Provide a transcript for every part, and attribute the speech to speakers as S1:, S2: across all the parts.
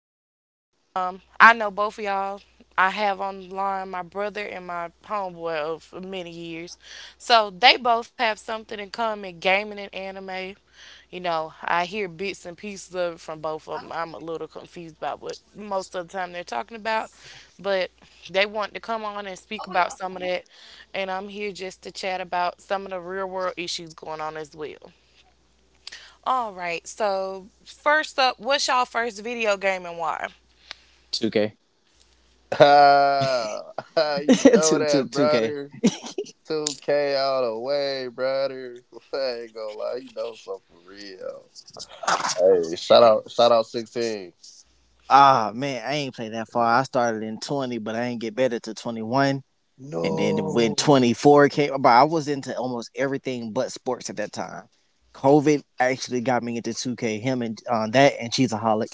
S1: We're going at, I know both of y'all. I have online my brother and my homeboy of many years. So they both have something in common gaming and anime. You know, I hear bits and pieces of it from both of them. I'm a little confused about what most of the time they're talking about, but they want to come on and speak about some of that, and I'm here just to chat about some of the real world issues going on as well. All right, so first up, what's y'all first video game and why?
S2: 2K.
S3: Ah, you know that,
S2: 2, k
S3: brother. 2K all the way, brother. I ain't gonna lie, you know something for real. Hey,
S1: Okay.
S3: shout out 16.
S2: Ah man, I ain't played that far. I started in 20, but I ain't get better to 21. And then when
S3: No.
S2: 24 came, but I was into almost everything but sports at that time. COVID actually got me into 2K. Him and that and Cheesaholic.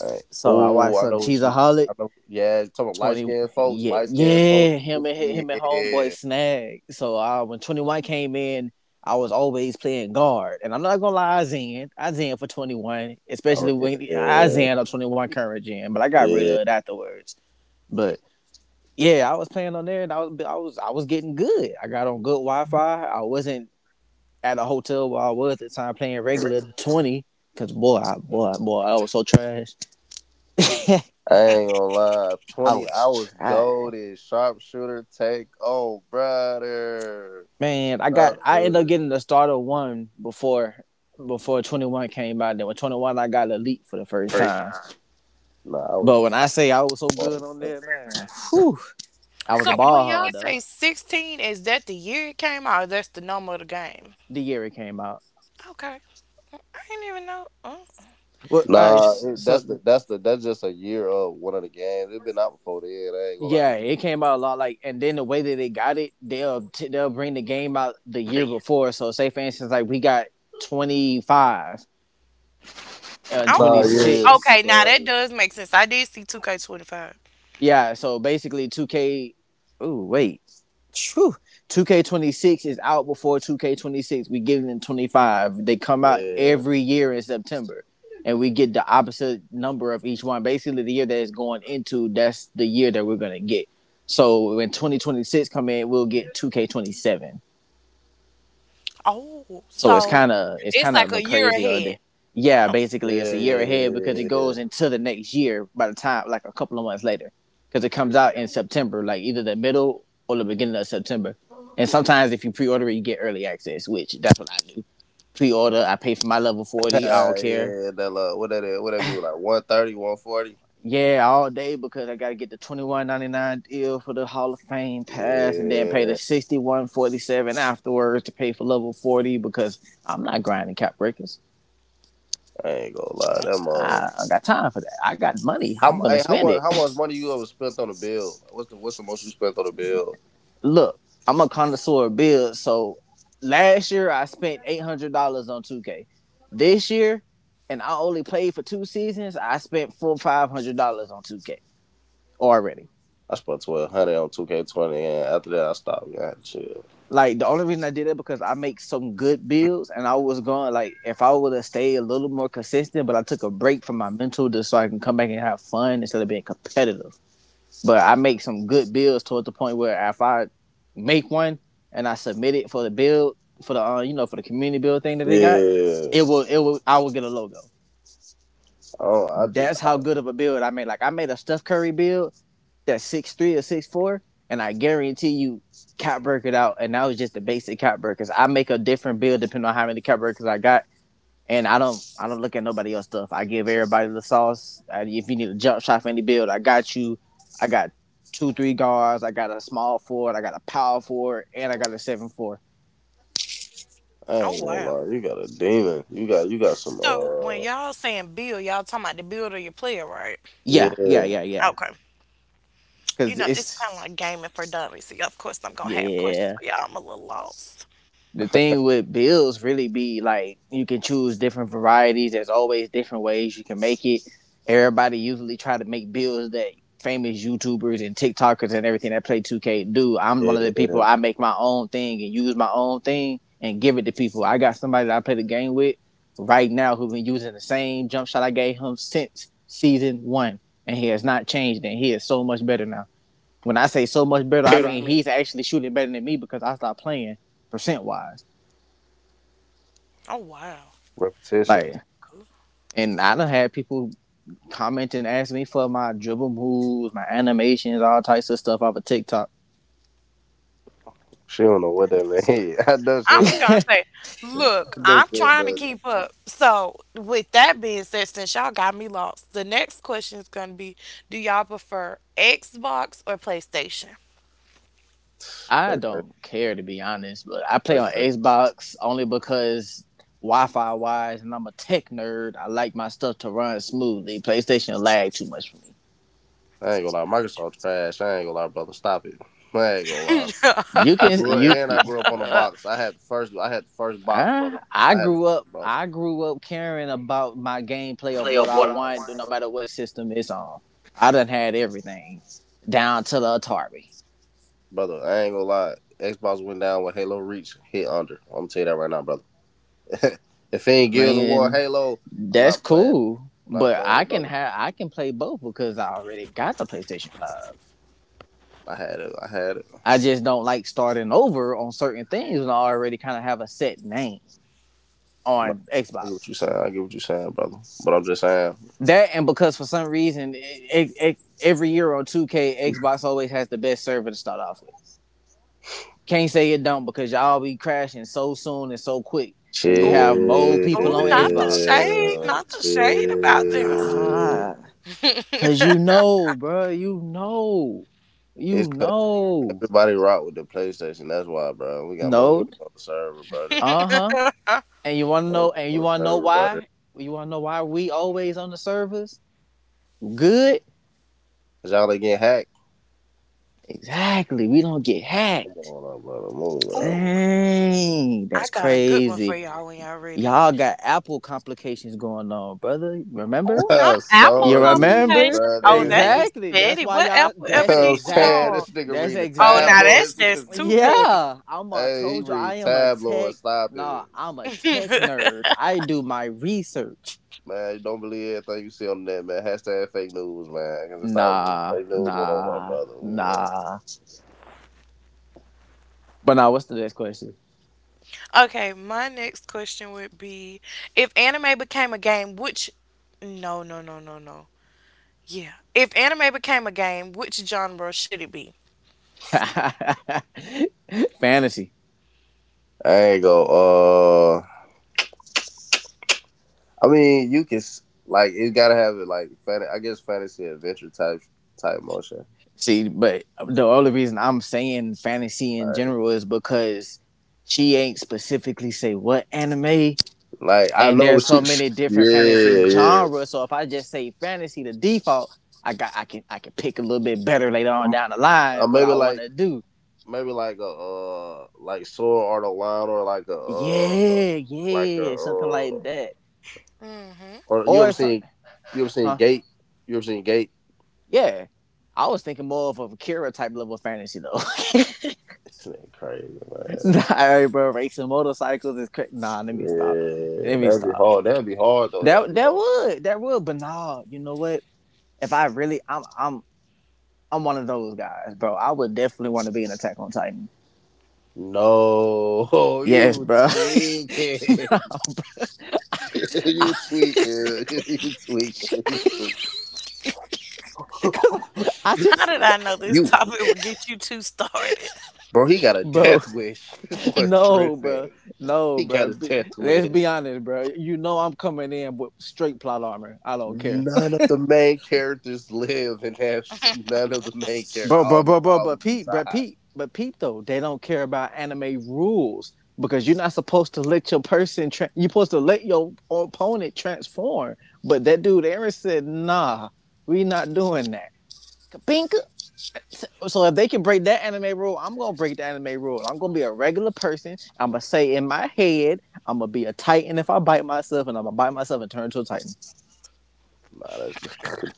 S3: Hey,
S2: So I
S3: oh,
S2: watched
S3: I
S2: some
S3: know what you.
S2: Cheesaholic.
S3: I know. Yeah, you talking about light
S2: 20,
S3: skinned folks,
S2: yeah,
S3: light skinned folks.
S2: yeah, him and homeboy
S3: Yeah.
S2: Snag. So when 21 came in, I was always playing guard, and I'm not gonna lie, I zen for 21,
S3: Oh
S2: especially when I
S3: yeah,
S2: zen up 21 current gen, but I got rid of
S3: yeah.
S2: it afterwards. But yeah, I was playing on there, and I was getting good. I got on good Wi-Fi. I wasn't at a hotel where I was at the time playing regular 20, because boy, I was so trash.
S3: I ain't gonna lie.
S2: I
S3: Twenty
S2: was
S3: hours
S2: trash.
S3: gold is sharpshooter take. Oh brother,
S2: Man, I ended up
S3: sharpshooter.
S2: getting the starter one before 21 came out. Then with 21, I got elite for the first
S3: Crazy.
S2: time.
S3: Nah, I was
S2: But when
S3: trying.
S2: I say I was so good on that, man, whew, I was a
S1: So
S2: ball
S1: when
S2: hog
S1: y'all
S2: though.
S1: say 16, is that the year it came out or that's the number of the game?
S2: The year it came out,
S1: Okay, I didn't even know. Oh,
S2: well, all right,
S3: Nah, it,
S2: so
S3: that's the that's the that's just a year of one of the games. It been out before then. I ain't gonna lie.
S2: yeah,
S3: 'Cause
S2: it came out a lot. Like, and then the way that they got it, they'll bring the game out the year
S3: you-
S2: before. So say for instance, like we got 25 and
S3: nah,
S2: twenty
S1: oh.
S2: six.
S1: Okay, now that
S3: sometimes.
S1: does make sense. I did see 2K25.
S2: Yeah, so basically 2K. Ooh, wait. Phew. 2K26 is out before 2K26. We get it in 25. They come out
S3: yeah,
S2: every year in September. And we get the opposite number of each one. Basically, the year that it's going into, that's the year that we're gonna get. So when 2026 come in, we'll get 2K27.
S1: Oh,
S2: So it's
S1: so
S2: kind of it's
S1: it's
S2: kind of
S1: like
S2: a
S1: a year
S2: crazy ordeal.
S1: ahead.
S2: Yeah,
S1: Oh,
S2: basically it's a year ahead because it goes
S3: yeah.
S2: into the next year by the time like a couple of months later because it comes out in September, like either the middle or the beginning of September. And sometimes if you pre-order it, you get early access, which that's what I do. Pre-order, I pay for my level 40. I don't care.
S3: Yeah, what that is? What that be like? 130, 140.
S2: Yeah, all day because I gotta get the 21.99 deal for the Hall of Fame pass, and then pay the
S3: Yeah,
S2: 61.47 afterwards to pay for level 40 because I'm not grinding cap breakers.
S3: I ain't gonna lie.
S1: oh,
S3: That much.
S2: I don't got time for that. I got money. I'm gonna
S3: Hey,
S2: spend
S3: how much
S2: it.
S3: money you ever spent on a bill? What's the most you spent on a bill?
S2: Look, I'm a connoisseur of bills. So last year I spent $800 on 2K. This year, and I only played for two seasons, I spent full $500 on 2K already.
S3: I spent 1,200 on two K 20, and after that I stopped. Yeah, shit.
S2: Like the only reason I did it because I make some good bills, and I was going like if I would have stayed a little more consistent, but I took a break from my mental just so I can come back and have fun instead of being competitive. But I make some good builds toward the point where if I make one and I submit it for the build for the for the community build thing that they got,
S3: Yeah.
S2: it will I will get a logo.
S3: Oh, I just
S2: That's
S3: I,
S2: how good of a build I made. Like I made a Steph Curry build that's 6'3" or 6'4", and I guarantee you cat break it out. And that was just the basic cat break, because I make a different build depending on how many cat breakers I got and I don't look at nobody else stuff. I give everybody the sauce. If you need a jump shot for any build, I got you. I got 2/3 guards. I got a small forward. I got a power forward, and I got a 7'4".
S3: I
S1: oh
S3: ain't gonna
S1: wow.
S3: lie. You got a demon. You got some
S1: So when y'all saying build, y'all talking about the build of your player, right?
S2: Yeah, yeah,
S3: yeah,
S2: yeah, yeah.
S1: Okay. You
S2: Cause
S1: know, it's kind of
S2: it's
S1: like gaming for dummies. So, yeah, of course, I'm gonna have questions
S2: yeah.
S1: for y'all. I'm a little lost.
S2: The thing with bills really be like you can choose different varieties. There's always different ways you can make it. Everybody usually try to make bills that famous YouTubers and TikTokers and everything that play 2K do. I'm one of the people
S3: yeah.
S2: I make my own thing and use my own thing and give it to people. I got somebody that I play the game with right now who has been using the same jump shot I gave him since season one. And he has not changed and he is so much better now. When I say so much better, I
S3: But I
S2: mean
S3: mean
S2: he's actually shooting better than me because I stopped playing percent wise.
S1: Oh wow,
S3: repetition.
S1: that's
S2: Like,
S1: cool.
S2: and I done had people comment and ask me for my dribble moves, my animations, all types of stuff off of TikTok.
S3: She don't know what that mean.
S1: I was gonna say,
S3: I
S1: look,
S3: know she
S1: I'm
S3: don't know
S1: trying to
S3: what that
S1: keep up. So, with that being said, since y'all got me lost, the next question is gonna be, do y'all prefer Xbox or PlayStation?
S2: I
S3: play,
S2: don't care to be honest, but I play on
S3: play.
S2: Xbox only because Wi-Fi wise, and I'm a tech nerd. I like my stuff to run smoothly. PlayStation lag too much for me.
S3: I ain't gonna lie, Microsoft trash. I ain't gonna lie, brother. Stop it. I ain't gonna lie.
S2: You can you.
S3: I grew up on a box. I had the first box, brother. I had the first box.
S2: I grew up caring about my gameplay of
S3: Play
S2: what
S3: of
S2: I
S3: what I
S2: want, no
S3: want.
S2: matter what system it's on. I done had everything down to the Atari.
S3: Brother. I ain't gonna lie. Xbox went down with Halo Reach hit under. I'm gonna tell you that right now, brother. If it ain't Gears of War
S2: Man,
S3: Halo, I'm
S2: that's
S3: not playing.
S2: cool.
S3: I'm not
S2: But
S3: playing
S2: I
S3: it,
S2: can
S3: brother.
S2: have I can play both because I already got the PlayStation 5.
S3: I had it. I had it. I'm
S2: I just don't like starting over on certain things when I already kind of have a set name
S3: not-
S2: on
S3: I get what you
S2: Xbox.
S3: saying. I get what you saying, brother. But I'm just saying,
S2: That and because for some reason every year on 2K Xbox always has the best server to start off with. Can't say it don't because y'all be crashing so soon and so quick and we
S1: Ooh,
S2: have more
S3: chill,
S2: people
S1: ooh,
S2: on
S1: not the
S2: Xbox.
S1: shade, not the shade about this.
S3: chill.
S2: Ah. Cause you know, bro,
S3: It's
S2: you
S3: cut.
S2: know,
S3: Everybody rock with the PlayStation. That's why, bro. We got more
S2: know,
S3: niggas on the server, brother.
S2: uh huh. And you wanna
S3: On
S2: know, and
S3: on
S2: you
S3: the
S2: wanna know
S3: server, brother.
S2: why? You wanna know why we always on the servers? Good,
S3: Cause y'all ain't get hacked.
S2: exactly. We don't get
S3: Come
S2: hacked.
S3: on, up, brother. Move, bro.
S1: Ooh,
S2: Dang,
S1: I
S2: that's
S1: got a good one for
S2: crazy.
S1: y'all when y'all ready.
S2: Y'all got Apple complications going on, brother. Remember?
S1: Oh, not Apple
S2: You
S3: Sony
S2: remember?
S1: complications. Oh, that
S3: brothers.
S1: is
S2: Exactly. That's
S1: petty.
S2: why
S1: What
S2: y'all.
S1: Apple
S3: You know what
S2: That's
S1: ever
S3: I'm
S1: did to
S2: exactly.
S3: saying,
S1: y'all?
S3: this nigga
S2: That's
S3: reading the
S1: Oh,
S2: exact.
S1: now that's
S3: tabloids with this.
S1: just
S3: Nigga.
S1: too
S2: Yeah,
S1: petty.
S2: I'm a
S3: Hey, he
S2: told you I
S3: read
S2: am a tech.
S3: tabloids. Stop
S2: Nah,
S3: it,
S2: I'm a tech nerd. I do my research.
S3: man. You don't believe everything you see on the net, man. Hashtag fake news, man. Cause it's not
S2: Nah,
S3: fake news one on one,
S2: nah,
S3: brother.
S2: nah. But now, what's the next question?
S1: Okay, my next question would be if anime became a game, which. No, no, no, no, no. Yeah. If anime became a game, which genre should it be?
S2: Fantasy.
S3: I ain't go. Uh, I mean, like it. Gotta have it like fan. I guess fantasy adventure type motion.
S2: See, but the only reason I'm saying fantasy in
S3: Like,
S2: general is because she ain't specifically say what anime.
S3: like I
S2: And
S3: know
S2: there's so
S3: she. She
S2: many different fantasy
S3: yeah, yeah.
S2: genres. So if I just say fantasy, the default, I can pick a little bit better later on down the
S3: I
S2: line what I want to do.
S3: maybe like a like sword art online or
S2: Yeah,
S3: like a
S2: yeah, something like that,
S3: or you ever
S2: or
S3: seen
S2: something, huh?
S3: Gate? You ever seen Gate?
S2: Yeah. I was thinking more of a Kira type level of fantasy though.
S3: This nigga crazy, man.
S2: Nah, alright, bro, racing motorcycles is crazy. Nah, let me stop.
S3: Yeah,
S2: Let me
S3: that'd be
S2: stop.
S3: hard. That'd be hard though. That'd
S2: That
S3: be
S2: that
S3: hard.
S2: would that would, but nah, you know what? If I really, I'm one of those guys, bro. I would definitely want to be an Attack on Titan.
S3: No,
S2: Yes,
S3: you
S2: bro.
S3: tweaking. You tweaking. You tweaking.
S2: I
S1: How
S2: just,
S1: did I know this
S3: You
S1: topic would get you two started?
S3: bro, he got a
S2: bro,
S3: death wish. This boy
S2: no, bro,
S3: tripping.
S2: no,
S3: He got
S2: bro.
S3: a death
S2: Let's
S3: wish.
S2: be honest, bro. You know I'm coming in with straight plot armor. I don't care,
S3: None of the main characters live and have none of the main characters.
S2: bro, bro, bro, bro.
S3: All
S2: But
S3: of them
S2: Pete, bro,
S3: died.
S2: Pete, but Pete though, they don't care about anime rules because you're not supposed to let your person. You're supposed to let your opponent transform. But that dude Aaron said, nah, we not doing that. Kabinka. So if they can break that anime rule, I'm gonna break the anime rule. I'm gonna be a regular person. I'm gonna say in my head, I'm gonna be a titan if I bite myself, and I'm gonna bite myself and turn into a titan.
S3: Nah, that's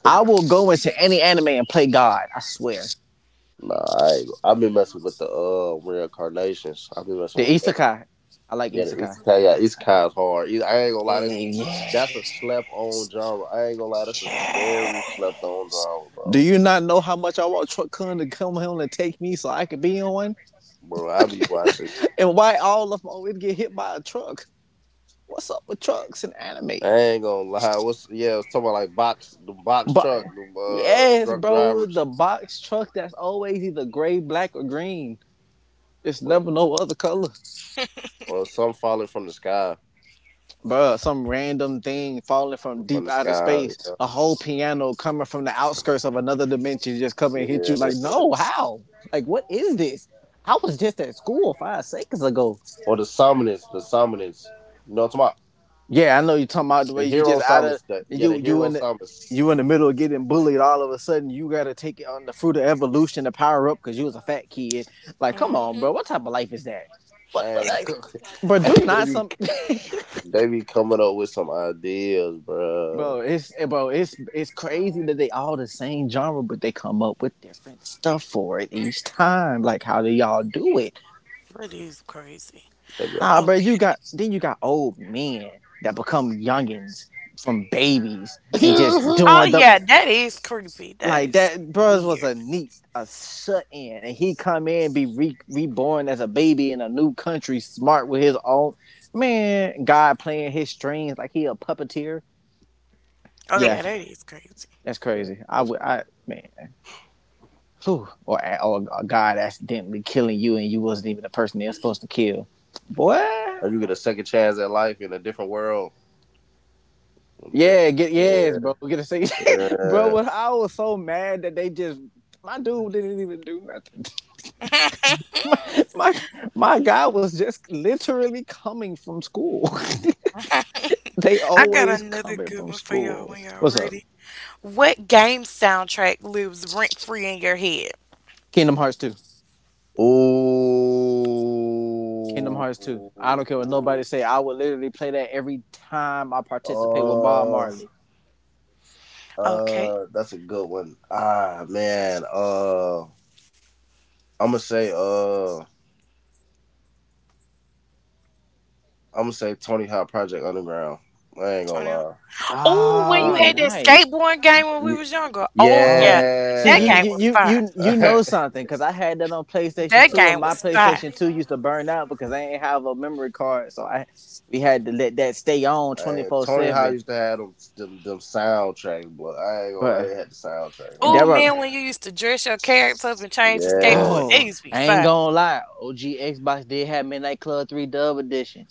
S2: I will go into any anime and play God. I swear.
S3: nah. I ain't, I've been messing with the reincarnations. I've been
S2: The
S3: messing with the
S2: isekai, I like
S3: yeah, the
S2: isekai.
S3: isekai. Yeah, isekai is hard. I ain't gonna lie, that's
S2: Eh, yeah.
S3: that's a slept on genre. I ain't gonna lie, that's a very slept on genre,
S2: Do
S3: bro.
S2: you not know how much I want Truck Kun to come home and take me so I could be on one?
S3: Bro, I be watching.
S2: And why all of them always get hit by a truck? What's up with trucks and
S3: I
S2: anime?
S3: ain't gonna lie. What's yeah? I was talking about like box, the box
S2: But
S3: truck, the
S2: yes,
S3: drunk
S2: bro,
S3: drivers,
S2: the box truck that's always either gray, black, or green. It's
S3: or
S2: never no other color.
S3: some falling from the sky.
S2: Bruh, some random thing falling from
S3: From
S2: deep
S3: the
S2: outer
S3: sky.
S2: space. A
S3: You
S2: whole piano coming from the outskirts of another dimension just come and hit
S3: know?
S2: you like,
S3: Yeah.
S2: no, how? Like, what is this? I was just at school 5 seconds ago.
S3: Or the summoners, you know what I'm talking about?
S2: Yeah, I know you're talking about the
S3: The
S2: way you
S3: hero
S2: just out of
S3: summons. Yeah, the
S2: you you
S3: hero
S2: in the
S3: summons.
S2: you in the middle of getting bullied all of a sudden you gotta take it on the fruit of evolution to power up because you was a fat kid. Like, come on,
S1: Mm-hmm.
S2: bro, what type of life is that? What
S3: Hey,
S2: like bro, do
S3: hey,
S2: not some
S3: they be coming up with some ideas, bro.
S2: bro, it's bro, it's crazy that they all the same genre, but they come up with different stuff for it each time. Like how do y'all do it?
S1: That is crazy.
S3: They be up.
S2: Nah, bro, you
S1: Okay.
S2: got then you got old men that become youngins from babies and just
S1: Oh,
S2: doing the...
S1: yeah, that is creepy. That
S2: Like
S1: is
S2: that, Burrs was
S1: weird.
S2: a neat, a shut in, and he come in be re- reborn as a baby in a new country, smart with his own man. God playing his strings like he a puppeteer.
S1: Oh, yeah,
S2: Yeah,
S1: that is crazy.
S2: that's crazy. I
S3: That's
S2: would,
S3: cra-
S2: I man, whew, or a God accidentally killing you and you wasn't even the person they were supposed to kill. Boy,
S3: and you get a second chance at life in a different world. In a
S2: yeah, get yes, bro,
S3: different,
S2: get a say, bro.
S3: yeah,
S2: When I was so mad that they just my dude didn't even do nothing. my, my my guy was just literally coming from school. they
S1: I got
S2: always
S1: another
S2: coming
S1: good
S2: from
S1: one for y'all
S2: school.
S1: when y'all
S2: What's up?
S1: ready. What game soundtrack lives rent free in your head?
S2: Kingdom Hearts 2.
S3: yeah. Ooh.
S2: Kingdom Hearts 2. I don't care what nobody say. I would literally play that every time I participate with Bob
S3: Uh,
S2: Marley.
S1: Okay,
S3: That's a good one. Ah, man. I'm gonna say Tony Hawk Project Underground. I ain't gonna
S1: Tony. Hawk.
S3: lie.
S1: Oh, when you
S2: Ah,
S1: had
S3: Oh,
S1: that
S2: nice.
S1: skateboard game when we
S3: y-
S1: was younger. Oh yeah,
S2: Oh, see,
S1: that
S2: you
S3: yeah.
S1: game
S2: you
S1: was
S2: you
S1: fire.
S2: you you know something cuz I had that on PlayStation
S1: That
S2: 2 and
S1: game
S2: my
S1: was fire.
S2: PlayStation 2 used to burn out because I ain't have a memory card. So I we had to let that stay on
S3: Man, Tony Hawk
S2: 24/7.
S3: used to have them soundtracks, but I ain't gonna lie,
S2: But
S3: they had the soundtrack, man.
S1: Oh
S2: there were...
S1: man, when you used to dress your character up and change the
S3: Yeah.
S1: skateboard, that
S2: Oh,
S1: used to be
S2: I ain't
S1: fire.
S2: gonna lie. OG Xbox did have Midnight Club 3 Dub Edition.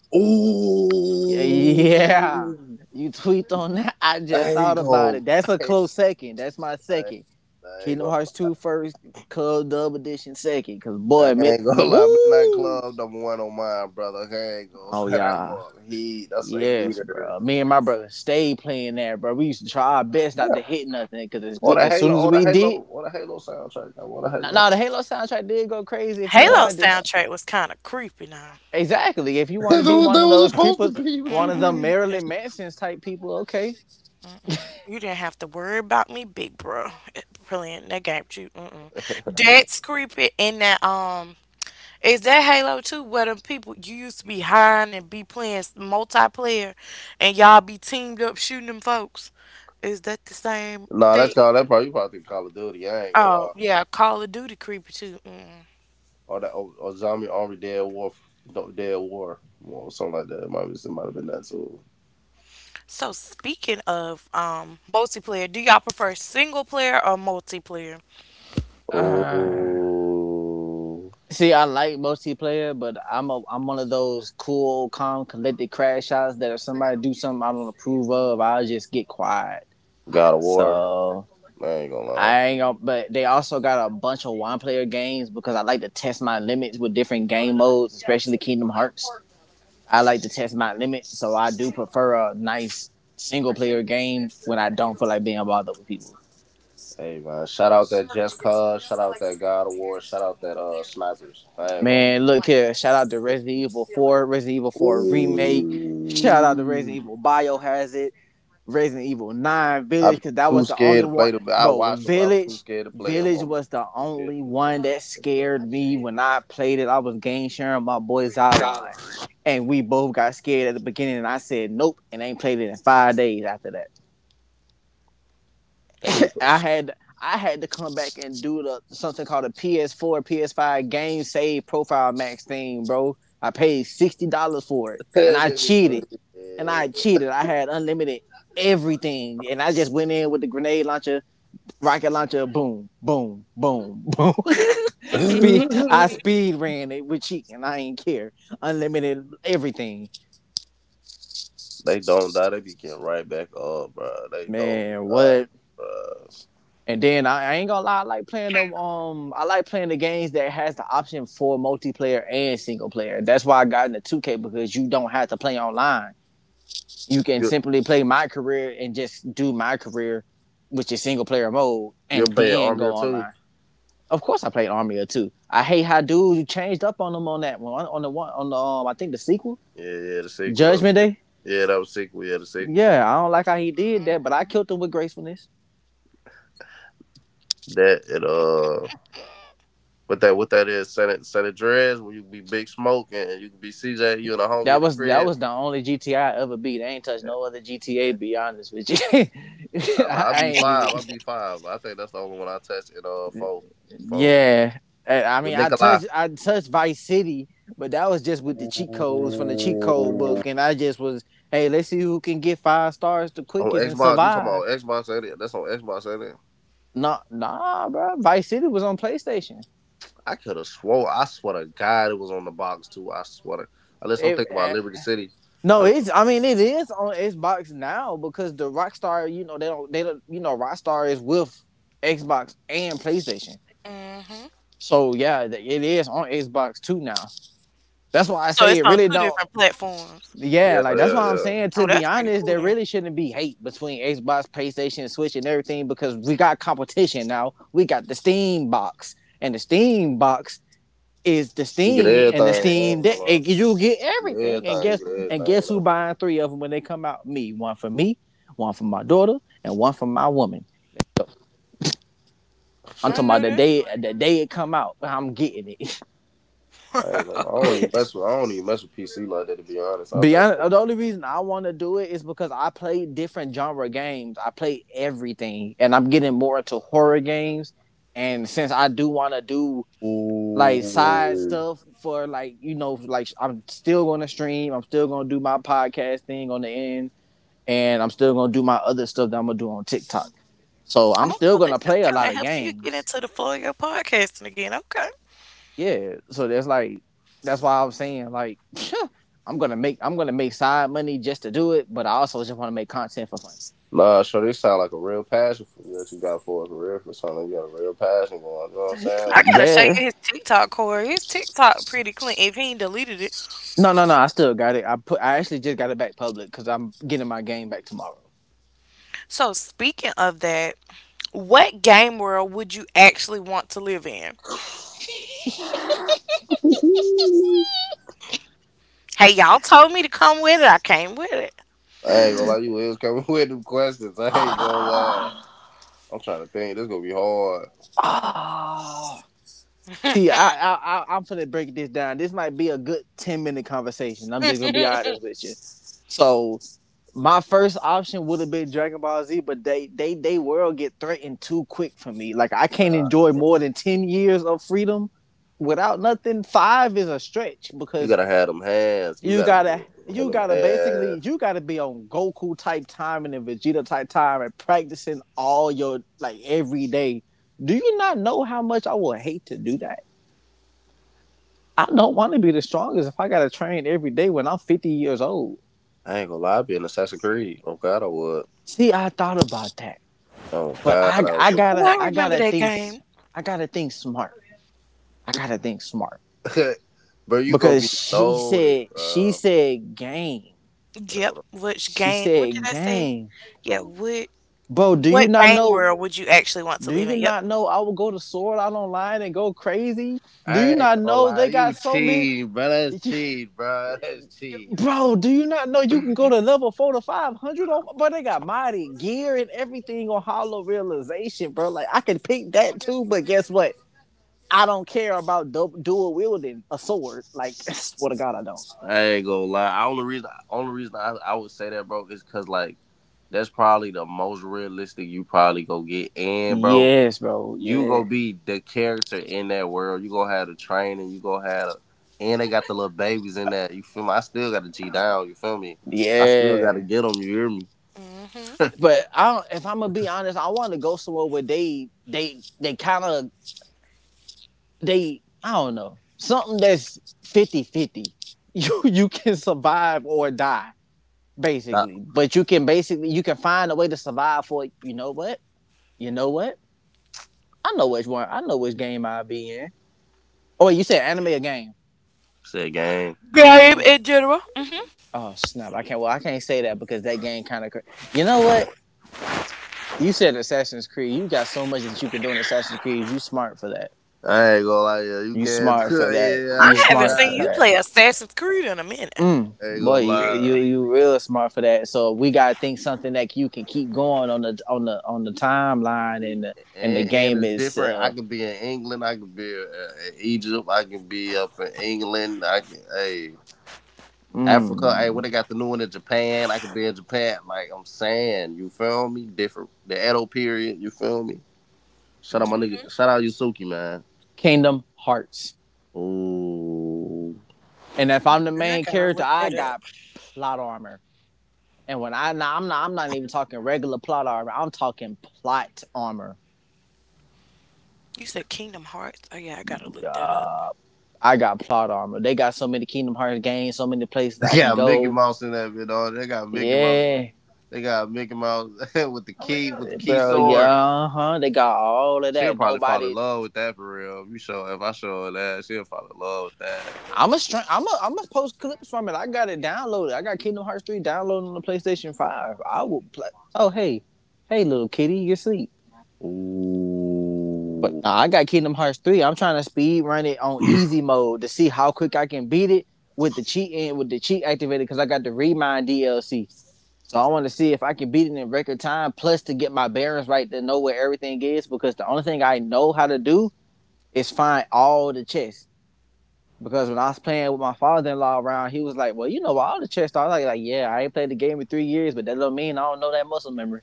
S2: Yeah,
S3: Ooh,
S2: yeah. You tweaked on that. I
S3: I
S2: just
S3: ain't
S2: thought about
S3: gonna.
S2: it. That's a
S3: I
S2: close second. That's my
S3: ain't,
S2: second.
S3: I ain't
S2: Kingdom Hearts
S3: gonna
S2: 2 first, Club Dub Edition second. Cause
S3: I
S2: boy, mid,
S3: ain't gonna lie, Midnight
S2: woo.
S3: Club number one on mine, brother. I ain't gonna
S2: Oh
S3: lie, that
S2: yeah.
S3: mother heat. That's a
S2: Yes,
S3: heater.
S2: bro. Me and my brother stayed playing that, bro. We used to try our best not
S3: Yeah,
S2: to hit nothing. Cause as,
S3: on
S2: we,
S3: the
S2: as soon
S3: Halo,
S2: as we did,
S3: On the Halo soundtrack. I want a
S2: no, nah,
S3: Halo.
S2: nah, the Halo soundtrack did go crazy if
S3: I
S2: you
S3: ain't
S1: Halo
S2: wanted
S3: gonna
S2: to...
S3: lie.
S1: soundtrack was kind of creepy now.
S2: Exactly. If you want to be one
S3: That
S2: of
S3: was
S2: those
S3: supposed to
S2: creepers,
S3: be. What
S2: one
S3: you
S2: of the
S3: mean?
S1: That's-
S2: Marilyn Manson's type people, okay.
S1: You didn't have to worry about me, big bro, playing that game. You, mm-mm. That's creepy. And that, is that Halo 2 where them people you used to be hiring and be playing multiplayer and y'all be teamed up shooting them folks? Is that the same
S3: Nah, that's
S1: thing?
S3: called that. Probably you probably think Call of Duty. I ain't gonna
S1: Oh,
S3: lie.
S1: yeah, Call of Duty creepy too. Mm.
S3: Or Zombie Army Dead War, no, Dead War, or something like that. It might have been that too.
S1: So speaking of multiplayer, do y'all prefer single player or multiplayer?
S3: Oh,
S2: Uh, See, I multiplayer, but I'm one of those cool, calm, collected crash outs that if somebody do something I don't approve of, I'll just get quiet.
S3: God of War.
S2: So.
S3: I ain't gonna lie.
S2: I ain't gonna, but they also got a bunch of one player games because I like to test my limits with different game modes, especially Kingdom Hearts. I like to test my limits, so I do prefer a nice single player game when I don't feel like being bothered with people.
S3: Hey man, shout out that Just Cause, shout out that God of War, shout out that Snipers. I ain't gonna.
S2: Man, look here. Shout out to Resident Evil 4, Resident Evil 4 remake. Shout out to
S3: Ooh.
S2: Resident Evil Biohazard, Resident Evil 9
S3: I'm
S2: Village, because that
S3: too
S2: was the only
S3: scared to
S2: one.
S3: play them. I
S2: Bro,
S3: watched them, but I'm too
S2: Village,
S3: scared to play them.
S2: Village was the only one
S3: Too
S2: that
S3: scared to play
S2: scared me when I played it. I was game sharing my boy
S3: 'em.
S2: Zyline.
S3: Sideline.
S2: And we both got scared at the beginning, and I said, nope, and I ain't played it in 5 days after that.
S3: They need to
S2: I
S3: push.
S2: had I had to come back and do the something called a PS4, PS5 game save profile max thing, bro. I paid $60 for it,
S3: They need
S2: and I cheated. I had unlimited everything, and I just went in with the grenade launcher, rocket launcher, boom, boom, boom, boom.
S3: to
S2: speed, I
S3: push.
S2: speed ran it with cheating. I ain't care. Unlimited everything,
S3: They don't die. They be getting right back up, bro. They don't
S2: man.
S3: die,
S2: What?
S3: bro.
S2: And then I ain't gonna lie, I like playing them. I like playing the games that has the option for multiplayer and single player. That's why I got into 2K because you don't have to play online. You can
S3: You're,
S2: simply play my career and just do my career, which is single player mode,
S3: you're
S2: and
S3: playing
S2: then
S3: Army
S2: go
S3: of Two.
S2: online. Of course, I played Army of Two. I hate how dudes changed up on them on that one, on the I think the sequel,
S3: Yeah, yeah, the sequel
S2: Judgment
S3: though.
S2: Day.
S3: yeah, that was sequel. Yeah, the sequel.
S2: Yeah, I don't like how he did that, but I killed him with gracefulness.
S3: That and what that is, Senate Senate Dreads, where you can be big smoke and you can be CJ, you and a homie in the
S2: That
S3: crib.
S2: was the only GTA I ever beat. I ain't touched no other GTA. Be honest with you. I, I ain't even.
S3: I be five. I think that's the only one I touched in four four
S2: Yeah, I
S3: with
S2: mean, I
S3: Nikolai.
S2: touched I touched Vice City, but that was just with the cheat codes from the cheat code
S3: Ooh.
S2: book, and I just was, hey, let's see who can get five stars the
S3: On
S2: quickest and
S3: Xbox, you talking
S2: survive.
S3: about Xbox? Ain't it? That's on Xbox, ain't it?
S2: Nah, nah, bro. Vice City was on PlayStation.
S3: I could have swore. I swear to God, it was on the box too. Unless I'm
S2: It,
S3: thinking about
S2: eh,
S3: Liberty City.
S2: no,
S3: Unless-
S2: it's... I mean, it is on Xbox now because the Rockstar, you know, they don't, you know, Rockstar is with Xbox and PlayStation.
S1: Hmm.
S2: So yeah, it is on Xbox too now. That's why I
S1: So
S2: say
S1: it's
S2: it
S1: on
S2: really
S1: two
S2: don't...
S1: different platforms.
S2: Yeah,
S3: yeah,
S2: like that's why I'm saying to
S1: Oh,
S2: be
S1: that's pretty
S2: honest,
S1: cool
S2: there
S1: then.
S2: really shouldn't be hate between Xbox, PlayStation, Switch, and everything because we got competition now. We got the Steam box, and the Steam box is the
S3: You get
S2: Steam,
S3: everything.
S2: and the
S3: I
S2: Steam
S3: ain't
S2: that
S3: gonna lie.
S2: you get
S3: You get
S2: everything. And
S3: everything.
S2: guess
S3: You get
S2: and
S3: everything.
S2: guess who
S3: You
S2: buying three of them when they come out? Me, one for my daughter, and one for my woman. I'm
S1: I
S3: know?
S2: talking about
S1: know
S2: the
S1: that's
S2: day
S1: right.
S2: the day it come out, I'm getting it.
S3: I ain't gonna, I don't even mess with PC like that to be honest.
S2: Beyond, the only reason I want to do it is because I play different genre games. I play everything, and I'm getting more into horror games. And since I do want to do like side
S3: Ooh.
S2: stuff for, like, you know, like I'm still going to stream. I'm still going to do my podcast thing on the end, and I'm still going to do my other stuff that I'm gonna do on TikTok. So I'm still
S1: Also,
S2: going to
S1: this is
S2: play a
S1: kind
S2: lot
S1: of
S2: of
S1: helping you get
S2: games.
S1: into the flow of your podcasting again. Okay.
S2: Yeah. So that's like, that's why I'm saying like, I'm gonna make side money just to do it, but I also just want to make content for fun.
S3: Nah, sure, they sound like a real passion for you that you got for it for real for something. You got a real passion going, you know what
S1: I gotta show
S2: Yeah.
S1: you his TikTok, Corey. His TikTok pretty clean if he ain't deleted it.
S2: No, no, no. I still got it. I put... I actually just got it back public because I'm getting my game back tomorrow.
S1: So speaking of that, what game world would you actually want to live in?
S3: I'm saying?
S1: Hey, y'all told me to come with it. I came with it.
S3: I ain't gonna lie, you is coming with them questions. I ain't gonna lie. I'm trying to think. This gonna be hard.
S2: Oh. See, I'm gonna break this down. This might be a good 10 minute conversation. I'm just gonna be honest with you. So my first option would have been Dragon Ball Z, but they world get threatened too quick for me. Like I can't
S3: Nah,
S2: enjoy more than 10 years of freedom without nothing. Five is a stretch
S3: you
S2: because
S3: gotta have them hands. You
S2: you
S3: gotta be
S2: gotta
S3: in
S2: you
S3: them
S2: gotta
S3: hands.
S2: basically you gotta be on Goku type time and then Vegeta type time and practicing all your like every day. Do you not know how much I would hate to do that? I don't want to be the strongest if I gotta train every day when I'm 50 years old.
S3: I ain't gonna lie. I be in Assassin's Creed. Oh God, I would.
S2: See, I thought about that.
S3: Oh
S2: But
S3: God,
S2: I
S3: I
S2: I
S1: Oh,
S2: gotta
S1: I
S2: I
S1: remember
S2: gotta
S1: that
S2: think
S1: game.
S2: I I gotta think smart. I gotta think smart
S3: would. Bro, you gonna
S2: because
S3: be
S2: she
S3: loaded,
S2: said she
S3: bro.
S2: said game.
S3: That's
S1: Yep.
S3: what
S1: Which
S2: She
S1: game? What did
S2: said
S1: I say?
S2: game,
S1: Yeah. What?
S2: bro. Do you
S1: What
S2: not
S1: game
S2: know?
S1: world would you actually want to
S2: Do
S1: live
S2: you
S1: in? Yep.
S2: not know I will go to Sword Out Online and go crazy? Do you
S3: I ain't
S2: not
S3: gonna
S2: know
S3: lie,
S2: they
S3: you
S2: got so many,
S3: cheat, bro. That's
S2: you-
S3: cheat, bro. That's cheat.
S2: bro? Do you not know you can go to level 4 to 500? On, bro, they got modded gear and everything on Hollow Realization, bro. Like I can pick that too, but guess what? I don't care about dual wielding a sword. Like, swear to God, I don't.
S3: I ain't gonna lie. Only reason I would say that, bro, is because like that's probably the most realistic you probably go get. And bro,
S2: Yes, bro.
S3: you
S2: Yeah,
S3: gonna be the character in that world. You gonna have the training. You gonna have, the, and they got the little babies in that. You feel me? I still got to G down. You feel me? I still got to
S2: yeah.
S3: get them. You hear me?
S1: Hmm.
S2: But I, if I'm gonna be honest, I want to go somewhere where they kind of, they, I don't know, something that's 50-50. You can survive or die,
S3: Stop.
S2: basically. But you can basically, you can find a way to survive for... You know what? You know what? I know which one. I know which game I'll be in. Oh, wait, you said anime or game?
S3: Said game.
S1: Game
S2: Game.
S1: in general.
S2: Oh snap! I can't. Well, I can't say that because that game kind of... Cr- you know what? You said Assassin's Creed. You got so much that you could do in Assassin's Creed. You smart for that.
S3: I ain't gonna lie. Yeah, you
S2: You
S3: can't.
S2: smart for that.
S3: Yeah.
S1: I
S2: You
S3: Oh
S1: haven't
S2: smart
S1: seen
S2: for
S1: you
S2: that.
S3: God.
S1: play Assassin's Creed in a minute.
S2: Mm,
S3: I ain't
S2: boy,
S3: gonna
S2: you
S3: lie.
S2: you you real smart for that. So we gotta think something that you can keep going on the timeline and the
S3: And
S2: game
S3: it's
S2: is
S3: different. I could be in England. I could be in Egypt. I can be up in England. I can, hey, Africa. Hey, what
S2: mm,
S3: they got the new one in Japan? I could be in Japan. Like I'm saying, you feel me? Different. The Edo period. You feel me? Shout out my
S1: Hmm.
S3: nigga. Shout out Yusuke, man.
S2: Kingdom Hearts.
S3: Ooh,
S2: And if I'm the
S1: I
S2: main
S1: gotta
S2: character,
S1: look
S2: I
S1: that up.
S2: got plot armor. And when I, now I'm not even talking regular plot armor. I'm talking plot armor.
S1: You said Kingdom Hearts. Oh yeah, I gotta look that up.
S2: I got plot armor. They got so many Kingdom Hearts games, so many places
S3: they
S2: I can
S3: got Mickey
S2: go.
S3: Mouse in that bit. Video. They got Mickey Mouse.
S2: Yeah,
S3: They got Mickey Mouse with the key
S2: bro. Yeah,
S3: sword.
S2: uh huh. They got all of
S3: She'll
S2: that.
S3: probably fall in
S2: Nobody...
S3: love with that for real. If I show her that, she'll fall in love with that.
S2: I'm a post clips from it. I got it downloaded. I got Kingdom Hearts 3 downloaded on the PlayStation 5. I will play... Oh hey, hey little kitty, you asleep? But
S3: Ooh.
S2: nah, I got Kingdom Hearts 3. I'm trying to speed run it on easy mode to see how quick I can beat it with the cheat activated because I got the Remind DLC. So I want to see if I can beat it in record time, plus to get my bearings right to know where everything is. Because the only thing I know how to do is find all the chests. Because when I was playing with my father in law around, he was like, well, you know all the chests are. I was like, "Yeah, I ain't played the game in 3 years, but that don't mean I don't know that muscle memory."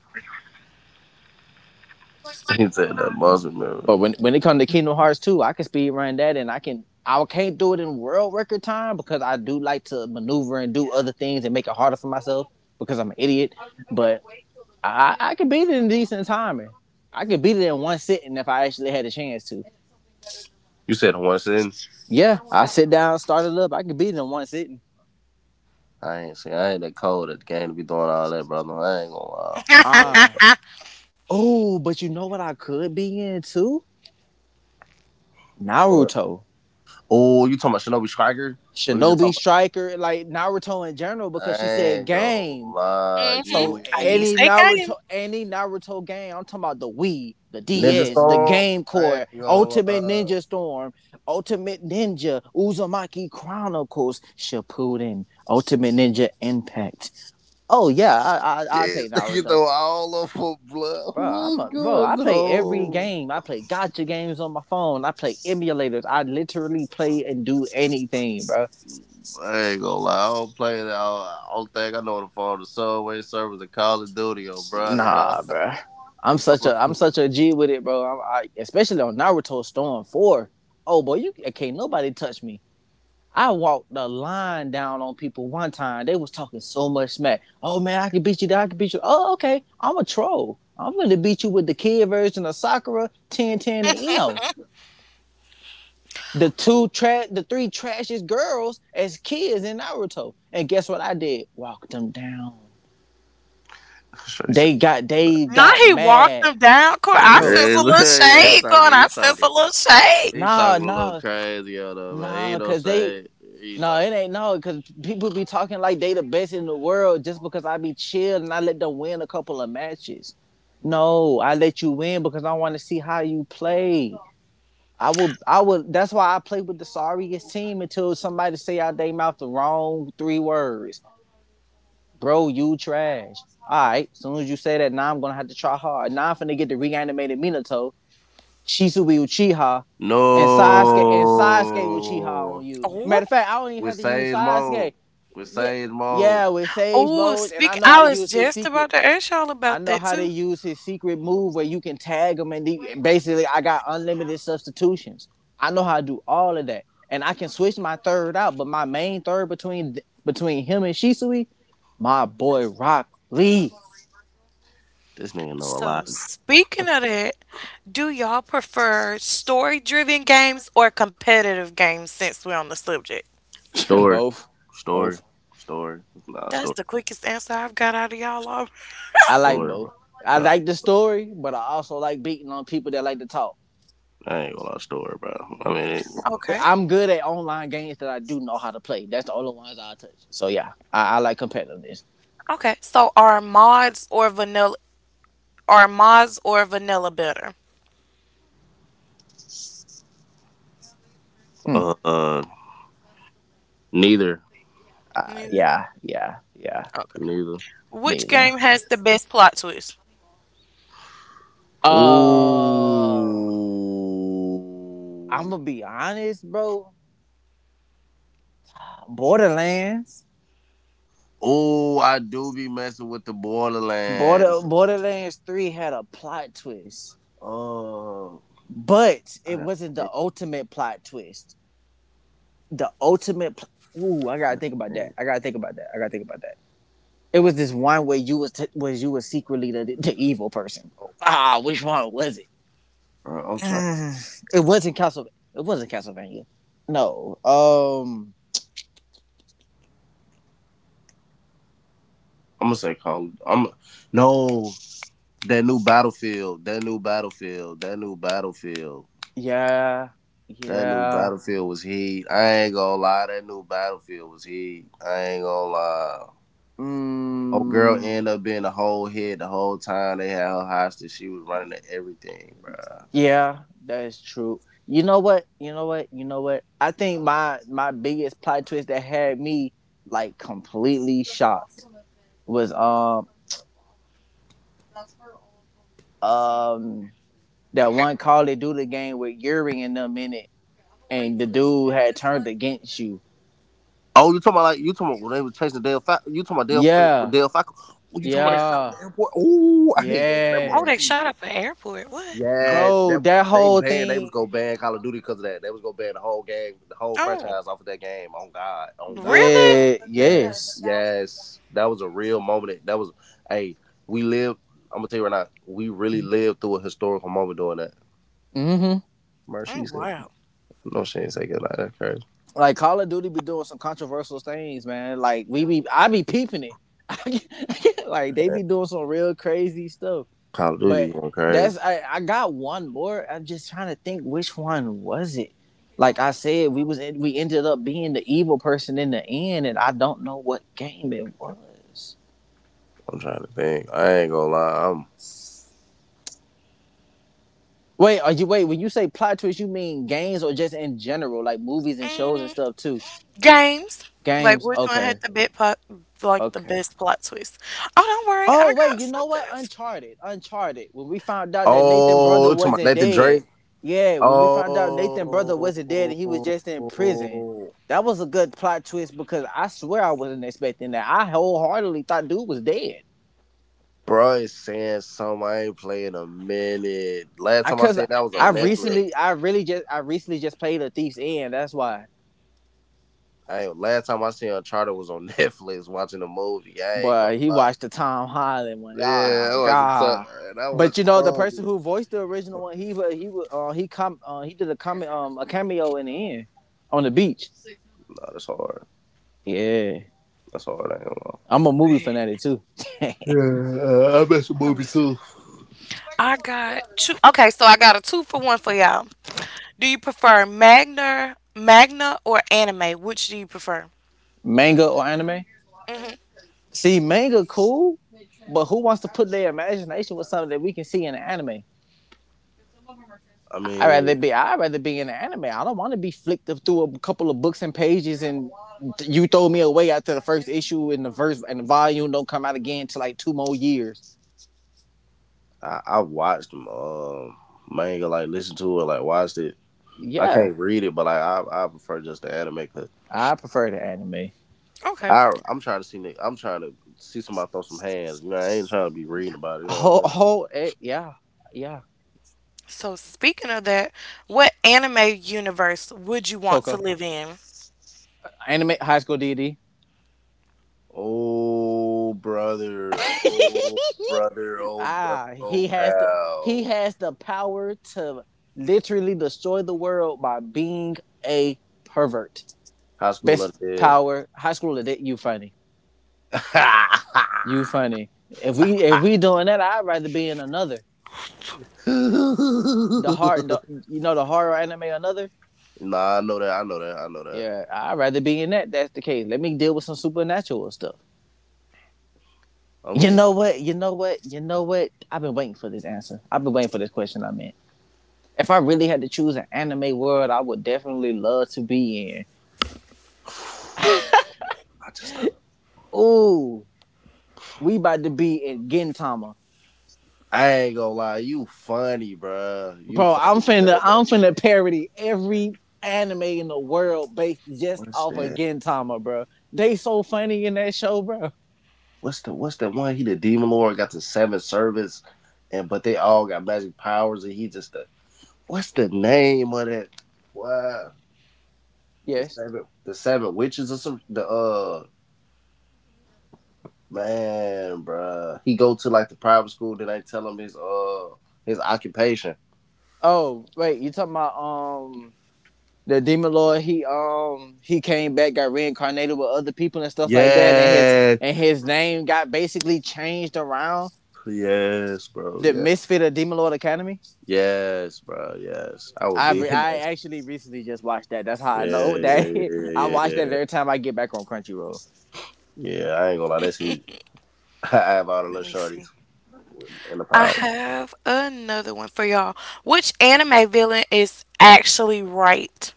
S3: He said that Muslim
S2: But
S3: man.
S2: when it comes to Kingdom Hearts 2, I can speed run that, and I can I can't do it in world record time because I do like to maneuver and do other things and make it harder for myself because I'm an idiot. But I can beat it in decent timing. I could beat it in one sitting if I actually had a chance to.
S3: You said one sin?
S2: Yeah, I sit down, start it up. I could beat it in one sitting.
S3: I ain't see I ain't that cold at the game to be doing all that, brother. I ain't gonna lie. I ain't that
S2: Ah, oh, but you know what I could be in too?
S3: cold.
S2: Naruto,
S3: Oh, you talking about Shinobi Striker? Or you just
S2: Shinobi
S3: talking
S2: Striker, like Naruto in general, because
S3: about I
S2: she said
S3: ain't gonna
S2: game.
S3: lie,
S1: Mhm.
S2: So
S1: I did
S3: you
S1: say game.
S2: Any Naruto game, I'm talking about the Wii, the
S3: Ninja
S2: DS, the
S3: Storm?
S2: Game
S3: I ain't
S2: Core,
S3: gonna
S2: Ultimate
S3: lie.
S2: Ninja Storm, Ultimate Ninja, Uzumaki Chronicles, Shippuden, Ultimate Ninja Impact. Oh yeah, I
S3: Shit,
S2: take
S3: you
S2: Naruto,
S3: know all up for blood.
S2: bro. I'm
S3: What's
S2: a bro. I
S3: going
S2: play every
S3: on?
S2: game. I play gotcha games on my phone. I play emulators. I literally play and do anything, bro.
S3: I ain't gonna lie. I don't play that. I don't think I know the phone. The subway service and Call of Duty, oh brother.
S2: Nah, bro.
S3: I'm
S2: I'm
S3: a,
S2: such a G with it, bro. Especially on Naruto Storm Four. Oh boy, you can't nobody touch me. I walked the line down on people one time. They was talking so much smack. Oh man, I can beat you. I can beat you. Oh okay, I'm a troll. I'm gonna beat you with the kid version of Sakura, Ten Ten, and Ino. The three trashiest girls as kids in Naruto. And guess what I did? Walked them down.
S3: sure he said.
S2: They got
S3: Yeah,
S2: they
S1: Now
S2: got
S1: he walked
S2: mad,
S1: him down court. I
S2: bro.
S1: sense a little
S3: yeah, he
S1: shade
S3: talking.
S1: going.
S3: He
S1: I sense a
S3: talking.
S1: little shade.
S3: He
S2: Nah,
S3: talking a little
S2: nah.
S3: crazy out there, man. He
S2: Nah,
S3: ain't no
S2: cause they
S3: shade. He
S2: no,
S3: talking.
S2: it ain't no, cause people be talking like they the best in the world just because I be chill and I let them win a couple of matches. No, I let you win because I want to see how you play. I will. That's why I play with the sorriest team until somebody say out they mouth the wrong three words. Bro, you trash. All right, as soon as you say that, now I'm gonna have to try hard. Now I'm finna get the reanimated Minato, Shisubi Uchiha, and Sasuke, and Sasuke will cheat on
S3: No,
S2: you.
S1: Oh,
S2: Matter of fact, I don't even
S3: with
S2: have to use
S3: Sage mode.
S2: Sasuke.
S3: With
S2: Yeah,
S3: Sage mode.
S2: yeah, with Sage
S1: oh.
S2: Mode, and I
S1: Speak.
S2: know how
S1: I
S2: to
S1: was
S2: use his
S1: just
S2: secret.
S1: about to ask y'all
S2: I
S1: about
S2: know
S1: that
S2: how to
S1: too.
S2: use his secret move where you can tag him and, basically I got unlimited substitutions. I know how to do all of that. And I can switch my third out, but my main third between him and Shisui, my boy Rock Lee.
S3: This nigga know a
S1: So
S3: lot.
S1: speaking of that, do y'all prefer story-driven games or competitive games? Since we're on the subject,
S3: Story,
S2: Both.
S3: story,
S2: Both.
S3: story. Nah,
S1: that's
S3: story,
S1: the quickest answer I've got out of y'all. All.
S2: I like
S3: story,
S2: both.
S3: bro.
S2: I
S3: Nah,
S2: like the story, but I also like beating on people that like to talk.
S3: I ain't gonna lie, story, bro.
S1: Okay.
S2: I'm good at online games that I do know how to play. That's the only ones I touch. So yeah, I like competitiveness.
S1: Okay. So are mods or vanilla? Are mods or vanilla better?
S2: Hmm.
S3: Uh, uh Neither.
S1: Neither.
S2: Yeah, yeah, yeah.
S1: Okay.
S3: Neither.
S1: Which
S2: Neither.
S1: game has the best plot twist?
S3: Ooh.
S2: Uh, I'm gonna be honest, bro. Borderlands,
S3: Ooh, I do be messing with the Borderlands.
S2: Borderlands Three had a plot twist,
S3: Oh,
S2: but
S3: I
S2: it
S3: got
S2: wasn't the ultimate plot twist. The ultimate. Pl- Ooh, I gotta think about that. I gotta think about that. I gotta think about that. It was this one where you was secretly the evil person. Oh, ah, which one was it?
S3: bro, I'm trying.
S2: Mm, It wasn't Castlevania. No.
S3: I'm gonna say Call. I'm no That new Battlefield.
S2: Yeah.
S3: That new
S2: Yeah.
S3: Battlefield was heat. I ain't gonna lie. That new Battlefield was heat. I ain't gonna lie. Old girl
S2: Mm,
S3: ended up being the whole head the whole time. They had her hostage. She was running to everything, bruh.
S2: yeah. That is true. You know what? You know what? You know what? I think my biggest plot twist that had me like completely shocked was um that one Call of Duty game with Yuri and them in it, and the dude had turned against you.
S3: You talking about when they were chasing Dale? You talking about Dale?
S2: Yeah,
S3: Dale Falco? Oh, you talking about they shot him at
S2: yeah,
S3: the airport? Ooh, I ain't gonna lie, that
S1: Oh,
S3: boy.
S2: yeah,
S1: they
S3: He,
S1: shot up an airport. What? Oh,
S3: yes,
S2: bro.
S3: that
S2: That
S3: They
S2: whole
S3: banned. They was
S2: thing.
S3: gonna ban Call of Duty because of that. They was gonna ban the whole game, the whole
S1: oh,
S3: franchise off of that game. On God, on God.
S1: really?
S2: Yeah,
S3: Yes,
S2: yes.
S3: yes, that was a real moment. Hey, we lived. I'm gonna tell you right now, we really lived through a historical moment doing that.
S2: hmm
S3: Mercy.
S1: Oh, wow.
S3: No, she ain't take it like that crazy.
S2: Like Call of Duty be doing some controversial things, man. I be peeping it. Like they be doing some real crazy stuff.
S3: Call of Duty
S2: But
S3: be going crazy.
S2: that's I got one more. I'm just trying to think which one was it. Like I said, we ended up being the evil person in the end, and I don't know what game it was.
S3: I'm trying to think. I ain't gonna lie. I'm.
S2: Wait, are you wait? When you say plot twist, you mean games or just in general, like movies and shows and
S1: Mm,
S2: stuff too?
S1: games. Like
S2: Games.
S1: which one had
S2: Okay.
S1: the best plot? Like the
S2: Okay.
S1: best plot twist? Oh, don't worry, I
S2: Oh wait,
S1: got
S2: you know
S1: something
S2: what?
S1: else.
S2: Uncharted, Uncharted. When we found out that Nathan
S3: Oh,
S2: brother
S3: you talking about
S2: wasn't
S3: Nathan
S2: dead,
S3: Drake.
S2: yeah. When we found out Nathan brother
S3: Oh,
S2: wasn't dead and he was just in prison,
S3: bro,
S2: that was a good plot twist because I swear I wasn't expecting that. I wholeheartedly thought dude was dead.
S3: it's saying something I ain't played in a minute. Last
S2: I
S3: time I
S2: cause
S3: seen
S2: I,
S3: that was on Netflix.
S2: I recently just played a Thief's End. That's why.
S3: I ain't- Last time I seen Uncharted was on Netflix watching a movie. I ain't gonna
S2: But he
S3: lie.
S2: watched the Tom Holland one.
S3: Yeah,
S2: Ah,
S3: that was a tough.
S2: God.
S3: And I
S2: But
S3: watched
S2: you
S3: the
S2: know the
S3: movie.
S2: person who voiced the original one, he he did a cameo in the end on the beach.
S3: No, that's hard.
S2: Yeah,
S3: That's hard. I ain't
S2: I'm a movie fanatic too.
S3: gonna lie. Yeah, I bet the
S1: Let
S3: movie
S1: me see.
S3: too.
S1: I got two. Okay, so I got a two for one for y'all. Do you prefer Magna or anime? Which do you prefer?
S2: Manga or anime?
S1: Hmm.
S2: See, manga cool, but who wants to put their imagination with something that we can see in the anime?
S3: I mean,
S2: I'd rather be in an anime. I don't want to be flicked through a couple of books and pages and you throw me away after the first issue and the verse and the volume don't come out again till like two more years.
S3: I watched them. Manga like listened to it, like watched it. I
S2: Yeah,
S3: can't read it, but I prefer just the anime. Cause
S2: I prefer the anime.
S1: Okay.
S3: I I'm trying to see Nick. I'm trying to see somebody throw some hands. You know, I ain't trying to be reading about it. You know what I'm
S2: Oh,
S3: saying?
S2: whole eh, yeah yeah
S1: So speaking of that, what anime universe would you want to
S2: Coco
S1: live in?
S2: anime High School DD.
S3: Oh brother, oh brother, oh brother,
S2: ah, he
S3: oh
S2: has the he
S3: pal.
S2: has the power to literally destroy the world by being a pervert.
S3: High school of
S2: Best
S3: the dead.
S2: power High School that you funny.
S3: Nah,
S2: You funny. If we doing that, I'd rather be in another. The hard, the, you know, the horror anime another.
S3: I know that. I know that. I know that.
S2: Yeah, I'd rather be in that. That's the case. Let me deal with some supernatural stuff.
S3: I'm
S2: You
S3: getting.
S2: know what? You know what? You know what? I've been waiting for this answer. I've been waiting for this question. I meant, if I really had to choose an anime world, I would definitely love to be in.
S3: I just
S2: Ooh, we about to be in Gintama.
S3: I ain't gonna lie, you funny, bruh. You
S2: Bro,
S3: funny for saying
S2: I'm
S3: that.
S2: finna parody every anime in the world based just
S3: What's
S2: off of
S3: that?
S2: Gintama, bro. They so funny in that show, bro.
S3: What's that one? He the demon lord got the seven servants, and but they all got magic powers, and he just the, what's the name of that? What, the
S2: Yes.
S3: seven, the seven witches or some, the man, bruh. He go to like the private school, then they tell him his occupation.
S2: Oh, wait, you talking about the Demon Lord, he came back, got reincarnated with other people and stuff like that, and
S3: Yes,
S2: his name got basically changed around
S3: yes, bro.
S2: the
S3: Yeah,
S2: Misfit of Demon Lord Academy.
S3: yes, bro. Yes, I would be in
S2: I
S3: that.
S2: actually recently just watched that. That's how I
S3: Yeah,
S2: know that.
S3: yeah, yeah,
S2: I
S3: yeah,
S2: watch
S3: yeah,
S2: that
S3: yeah.
S2: every time I get back on Crunchyroll.
S3: Yeah, I ain't gonna lie, that shit. I have all the little
S1: Let me
S3: shorties
S1: see.
S3: in the
S1: I
S3: power.
S1: have another one for y'all. Which anime villain is actually right?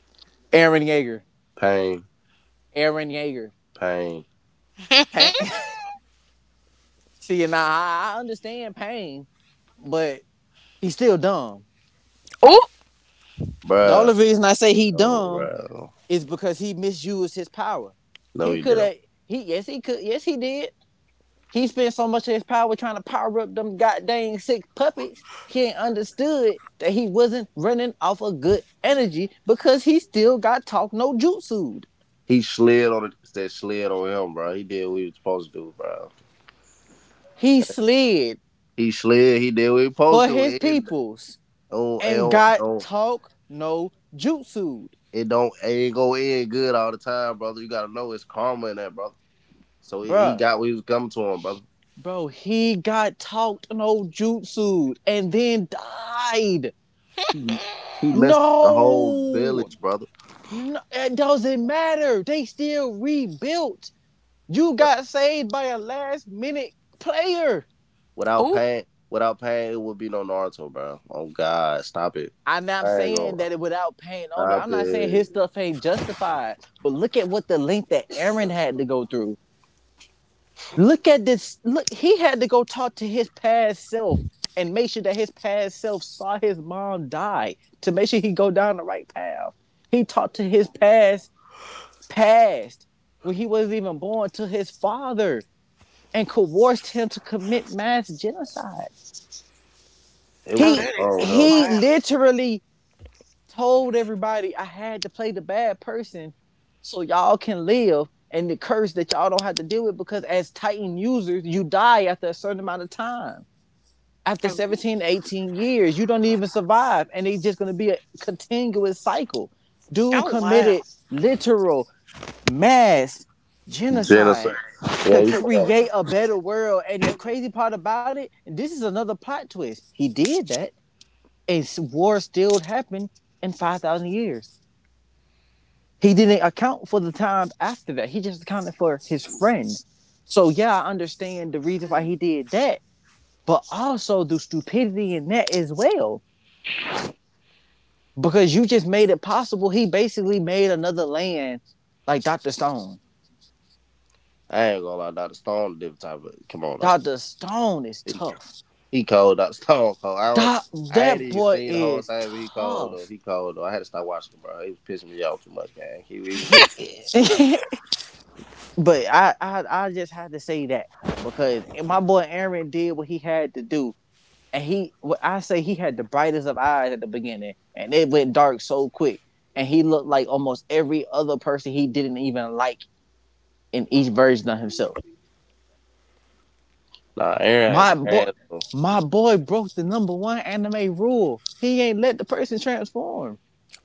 S2: Aaron Yeager.
S3: Pain,
S2: Aaron Yeager.
S3: pain,
S2: Pain. See, now I understand pain, but he's still dumb.
S1: Oh,
S2: The
S3: bruh.
S2: only reason I say he
S3: Oh,
S2: dumb
S3: bro.
S2: is because he misused his power.
S3: No,
S2: He
S3: he
S2: could
S3: didn't.
S2: have. He yes, he could. Yes, he did. He spent so much of his power trying to power up them goddamn six puppets. He ain't understood that he wasn't running off a good energy because he still got talk no jutsued.
S3: He slid on it. That slid on him, bro. He did what he was supposed to do, bro.
S2: He slid
S3: He slid. He did what he was supposed
S2: for
S3: to
S2: his
S3: do. And
S2: peoples
S3: oh, it
S2: and
S3: don't, it
S2: got
S3: don't,
S2: talk no jutsued,
S3: it don't- it ain't go in good all the time, brother. You gotta know it's karma in that, brother. So he
S2: bruh.
S3: got what he was coming to him, brother.
S2: Bro, he got talked no jutsu and then died.
S3: He, he messed up the whole
S2: No,
S3: village, brother.
S2: no, it doesn't matter. They still rebuilt. You got saved by a last minute player.
S3: Without
S1: oh,
S3: pain, without pain, it would be no Naruto, bro. Oh God, stop it.
S2: I'm not
S3: I ain't
S2: saying
S3: gonna lie,
S2: that it without pain on it.
S3: stop
S2: I'm not saying
S3: it.
S2: his stuff ain't justified, but look at what the link that Aaron had to go through. Look at this. Look, he had to go talk to his past self and make sure that his past self saw his mom die to make sure he go down the right path. He talked to his past past when he wasn't even born to his father and coerced him to commit mass genocide.
S3: It was
S1: oh,
S3: some
S2: He
S1: that
S3: oh
S1: is
S3: hell.
S2: he
S1: wow.
S2: literally told everybody I had to play the bad person so y'all can live and the curse that y'all don't have to deal with because as Titan users, you die after a certain amount of time. After
S1: Oh,
S2: 17, 18 years, you don't even survive. And it's just going to be a continuous cycle. Dude
S1: oh wow.
S2: committed literal mass
S3: Genesis.
S2: genocide
S3: Yeah,
S2: to
S3: you come
S2: create
S3: on.
S2: a better world. And the crazy part about it, and this is another plot twist. He did that and war still happened in 5,000 years. He didn't account for the time after that. He just accounted for his friends. So yeah, I understand the reason why he did that, but also the stupidity in that as well because you just made it possible. He basically made another land like Dr. Stone.
S3: I ain't gonna lie, Dr. Stone different type of come on, Dr. Stone.
S2: Dr. Stone is
S3: He,
S2: tough.
S3: he cold, Dr. Stone cold.
S2: Doc,
S3: I ain't
S2: that
S3: even
S2: boy
S3: seen the whole
S2: is
S3: thing, but he cold though.
S2: tough.
S3: He cold though. I had to stop watching him, bro. He was pissing me off too much, gang.
S2: He, but I just had to say that because my boy Aaron did what he had to do, and he, what I say, he had the brightest of eyes at the beginning, and it went dark so quick, and he looked like almost every other person he didn't even like in each version of himself.
S3: Nah, Aaron had
S2: My
S3: the
S2: boy,
S3: hands.
S2: my boy broke the number one anime rule. He ain't let the person transform.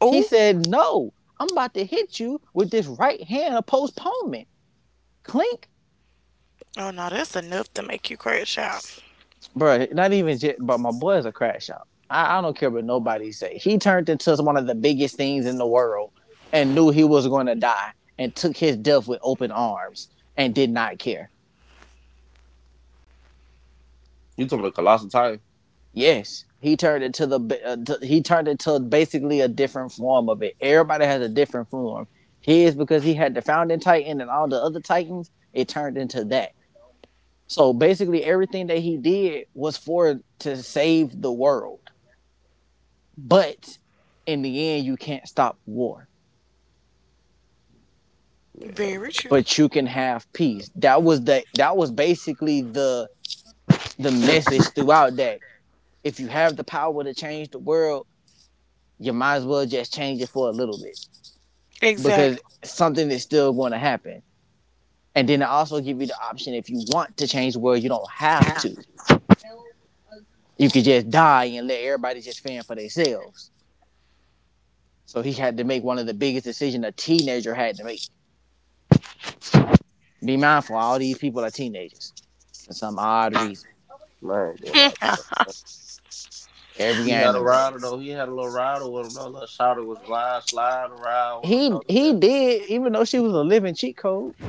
S2: He
S1: Oh,
S2: said, "No, I'm about to hit you with this right hand of postponement." Clink,
S1: oh no, that's enough to make you crash out.
S2: bro. Not even, just, but my boy is a crash out. I don't care what nobody say. He turned into one of the biggest things in the world and knew he was going to die and took his death with open arms and did not care.
S3: You talking about Colossal Titan?
S2: Yes, he turned it to basically a different form of it. Everybody has a different form. His because he had the founding titan and all the other titans, it turned into that. So basically, everything that he did was for to save the world. But in the end, you can't stop war,
S3: Yeah,
S1: Very true.
S2: but you can have peace. That was basically the message throughout that. If you have the power to change the world, you might as well just change it for a little bit because
S1: Exactly.
S2: something is still going to happen. And then I also give you the option if you want to change the world, you don't have to. You could just die and let everybody just fend for themselves. So he had to make one of the biggest decisions a teenager had to make. Be mindful, all these people are teenagers for some odd reason.
S3: man, I ain't gonna lie.
S2: Every
S3: He had a
S2: anime.
S3: rider though. He had a little rider with him though. Little shouter was lying, sliding around with him
S2: He
S3: though.
S2: he did, even though she was a living cheat code.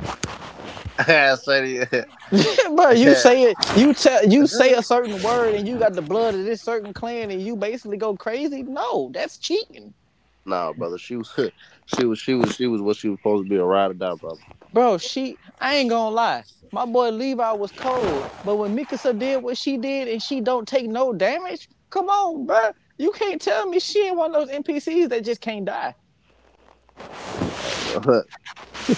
S3: Yeah. I said
S2: But you say
S3: he-
S2: it, you tell you say a certain word and you got the blood of this certain clan and you basically go crazy. No, that's cheating.
S3: nah, brother. She was, she was, she was, She was what she was supposed to be, a ride or die, brother.
S2: Bro, she I ain't gonna lie. My boy Levi was cold, but when Mikasa did what she did and she don't take no damage, come on, bro. You can't tell me she ain't one of those NPCs that just can't die.
S3: I ain't gonna-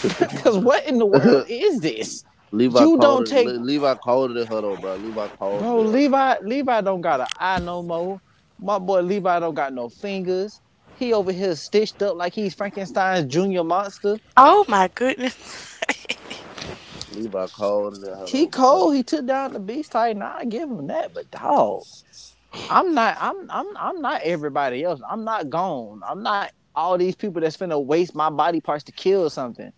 S2: Cause what in the world is this?
S3: Levi
S2: You
S3: called
S2: don't
S3: it.
S2: take
S3: Levi called it in her though, bro. Levi called it
S2: bro,
S3: in her.
S2: Levi don't got an eye no more. My boy Levi don't got no fingers. He over here stitched up like he's Frankenstein's junior monster.
S1: Oh my goodness.
S3: Levi called it in her
S2: He
S3: though, bro.
S2: cold, he took down the beast type. Nah, I give him that, but dog. I'm not. I'm. I'm. I'm not everybody else. I'm not gone. I'm not all these people that's finna waste my body parts to kill something.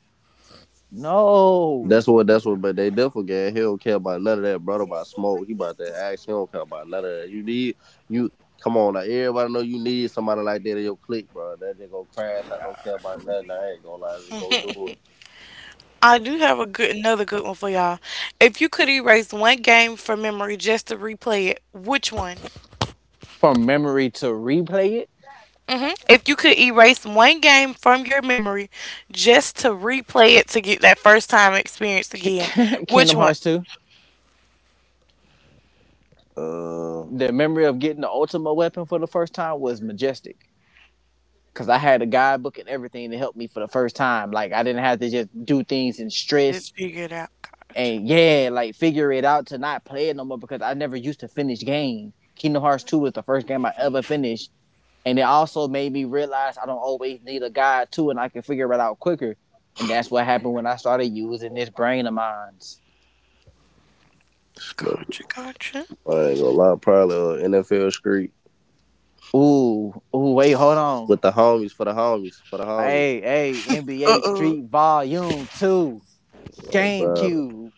S2: No,
S3: That's what. That's what. But they definitely gang. He don't care about none of that. Brother about smoke. He about that axe. He don't care about none of that. You need you. Come on, now. Everybody know you need somebody like that in your clique, bro. That just gonna crash. I don't care about nothing. I ain't gonna lie. Just go do it.
S1: I do have a good another good one for y'all. If you could erase one game from memory just to replay it, which one?
S2: from memory to replay
S1: Mhm. If you could erase one game from your memory just to replay it to get that first time experience again,
S2: it.
S1: which
S2: Kingdom
S1: one?
S2: Hearts two.
S3: Uh,
S2: The memory of getting the Ultima weapon for the first time was majestic. Cause I had a guidebook and everything to help me for the first time. Like I didn't have to just do things in stress
S1: Just figure it out. Gotcha.
S2: and yeah, like figure it out to not play it no more because I never used to finish games. Kingdom Hearts two was the first game I ever finished. And it also made me realize I don't always need a guide too, and I can figure it out quicker. And that's what happened when I started using this brain of mine.
S1: Gotcha. Gotcha.
S3: I ain't gonna lie, probably NFL street
S2: Ooh, ooh, wait, hold on.
S3: with the homies, for the homies, for the homies.
S2: Hey, hey,
S1: Uh
S2: NBA
S1: oh.
S2: Street Volume 2,
S3: Oh, brother.
S2: GameCube.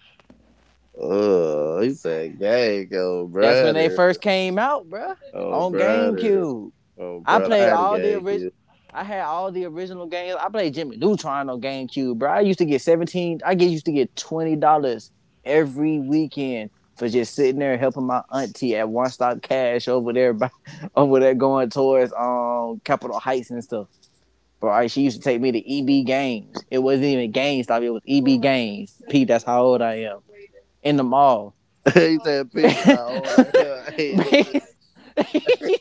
S3: He said, "Gang, oh
S2: That's when they
S3: brother,
S2: first came out, bruh,
S3: oh
S2: on
S3: brother,
S2: GameCube.
S3: oh
S2: I
S3: brother."
S2: played
S3: I had a
S2: all the
S3: gang
S2: original.
S3: kid.
S2: I had all the original games. I played Jimmy Neutron on GameCube, bro. I used to get 17. I get used to get $20 every weekend for just sitting there helping my auntie at One Stop Cash over there, over there going towards Capitol Heights and stuff. Bro, she used to take me to EB Games. It wasn't even GameStop. It was EB Games. Pete, that's how old I am. In the mall. Oh
S3: He said
S2: my
S3: peep is
S2: god.
S3: how old I am.
S2: Oh
S3: Hey, this
S2: my
S3: is
S2: god.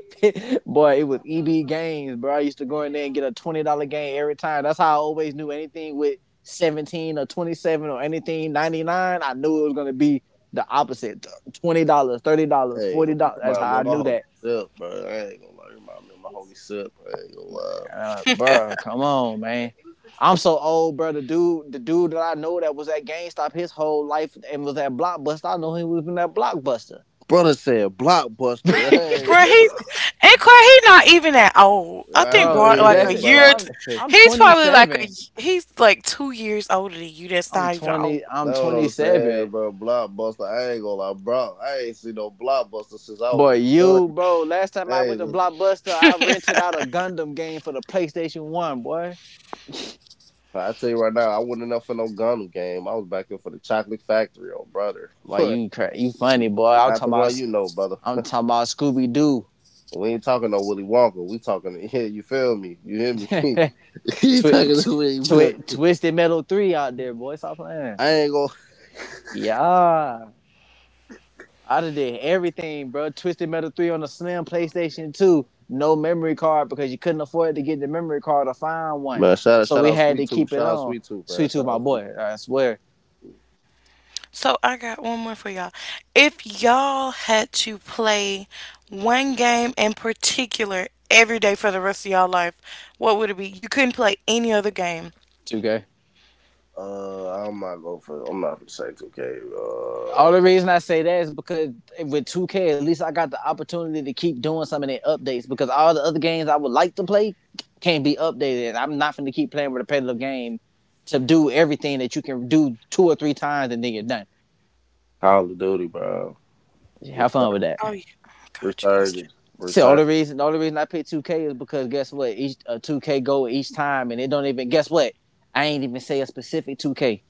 S2: Boy, it was EB games, bro. I used to go in there and get a $20 game every time. That's how I always knew anything with 17 or 27 or anything 99. I knew it was gonna be the opposite: $20, $30,
S3: hey,
S2: forty
S3: you
S2: dollars. That's
S3: remind
S2: how
S3: me
S2: I
S3: of my
S2: knew
S3: homie
S2: that,
S3: Sip, bro. I ain't gonna lie, you remind me of my homie Sip. I ain't gonna lie.
S2: bro. Come on, man. I'm so old, bro. The dude that I know that was at GameStop his whole life and was at Blockbuster. I know he was in that Blockbuster,
S3: Brother said Blockbuster. I ain't
S1: Bruh,
S3: gonna
S1: he's
S3: lie.
S1: and Corey, he's not even that old. I
S3: I
S1: think
S3: know
S2: bro.
S1: Rod
S2: But
S3: he
S1: like a
S2: that's
S3: ain't,
S2: it.
S3: but
S1: year or two.
S2: I'm
S3: like
S2: I'm
S1: He's probably like a
S2: 27.
S1: he's like 2 years older than you. That's
S2: I'm
S1: not even old.
S2: 20. I'm
S3: know what I'm saying,
S2: 27.
S3: bro. Blockbuster. I ain't gonna lie, bro. I ain't seen no Blockbuster since I was
S2: Boy,
S3: a
S2: you
S3: shorty.
S2: bro. Last time I
S3: Hey,
S2: went to Blockbuster, I rented out a Gundam game for the PlayStation One. Boy,
S3: I tell you right now, I wasn't up for no gun game. I was back there for the chocolate factory, oh brother.
S2: why
S3: And
S2: you you funny boy? I'm
S3: not
S2: talking
S3: the one
S2: about
S3: you know, brother.
S2: i I'm talking about Scooby Doo,
S3: We ain't talking no Willy Wonka. We talking, yeah, you feel me? You hear me? He
S2: twi-
S3: talking
S2: t-
S3: to Willy Wonka.
S2: Twisted Metal Three out there, boy. Stop playing.
S3: I ain't gonna
S2: Yeah, I done did everything, bro. Twisted Metal Three on the slim PlayStation 2, no memory card because you couldn't afford to get the memory card or find one,
S3: Man.
S2: so
S3: Shout
S2: we
S3: out,
S2: had
S3: Sweet
S2: to
S3: Tooth.
S2: keep it
S3: Shout out,
S2: on.
S3: Sweet Tooth, man.
S2: Sweet tooth,
S3: Shout
S2: my
S3: out. Sweet.
S2: boy. I swear,
S1: So I got one more for y'all. If y'all had to play one game in particular every day for the rest of y'all life, what would it be? You couldn't play any other game.
S2: 2K.
S3: I'm not going for. I'm not gonna say 2K.
S2: All the reason I say that is because with 2K, at least I got the opportunity to keep doing some of the updates because all the other games I would like to play can't be updated. I'm not going to keep playing a repetitive game to do everything that you can do two or three times and then you're done.
S3: Call of Duty, bro.
S2: Have fun
S3: Resur-
S2: with that.
S1: Oh yeah. Gotcha, gotcha.
S3: Resurgence,
S2: See, all
S3: resurgence.
S2: the reason, all the reason I picked 2K is because guess what? Each 2K goal each time, and it don't even guess what? I ain't even say a specific 2K.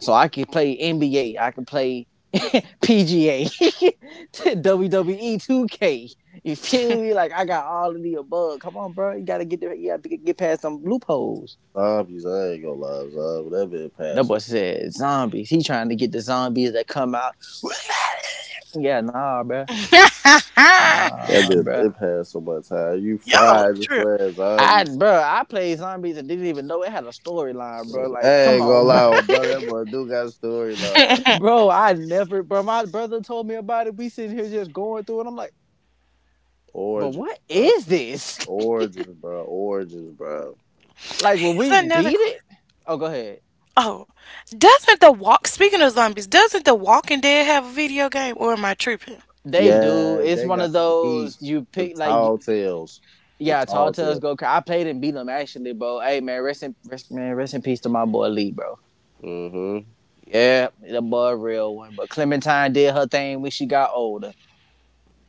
S2: So I can play NBA. I can play PGA, WWE 2K. You feel me? Like I got all of the above. Come on, bro. You gotta get there. You gotta get past some loopholes.
S3: Zombies, I ain't gonna lie, zombie. That been
S2: That boy
S3: passing.
S2: said zombies. He trying to get the zombies that come out. Yeah, nah, bro. Nah,
S3: That been
S2: bro.
S3: it passed so much time. You
S1: Y'all a
S3: fried just
S1: trip.
S3: playing
S2: I,
S3: zombies.
S2: bro, I played zombies and didn't even know it had a storyline, bro.
S3: I
S2: Like, come
S3: ain't gonna
S2: on, bro.
S3: lie, brother. That boy do got a storyline,
S2: Bro, I never, bro. My brother told me about it. We sitting here just going through it. I'm like, but
S3: origin.
S2: what is this?
S3: Origins, bro. Origins, bro.
S2: Like when we
S1: Here's another
S2: beat it.
S1: question.
S2: Oh, go ahead.
S1: Oh, doesn't the walk? Speaking of zombies, doesn't the Walking Dead have a video game, or am I tripping?
S2: They do.
S3: Yeah,
S2: It's
S3: they
S2: one
S3: got
S2: of
S3: some heat.
S2: those you
S3: The
S2: pick like.
S3: tall tales. The
S2: Yeah, Tall
S3: tall
S2: Tales
S3: tale.
S2: Go Crazy. I played and beat them actually, bro. Hey man, rest in peace to my boy Lee, bro.
S3: hmm
S2: Yeah, the boy real one. But Clementine did her thing when she got older,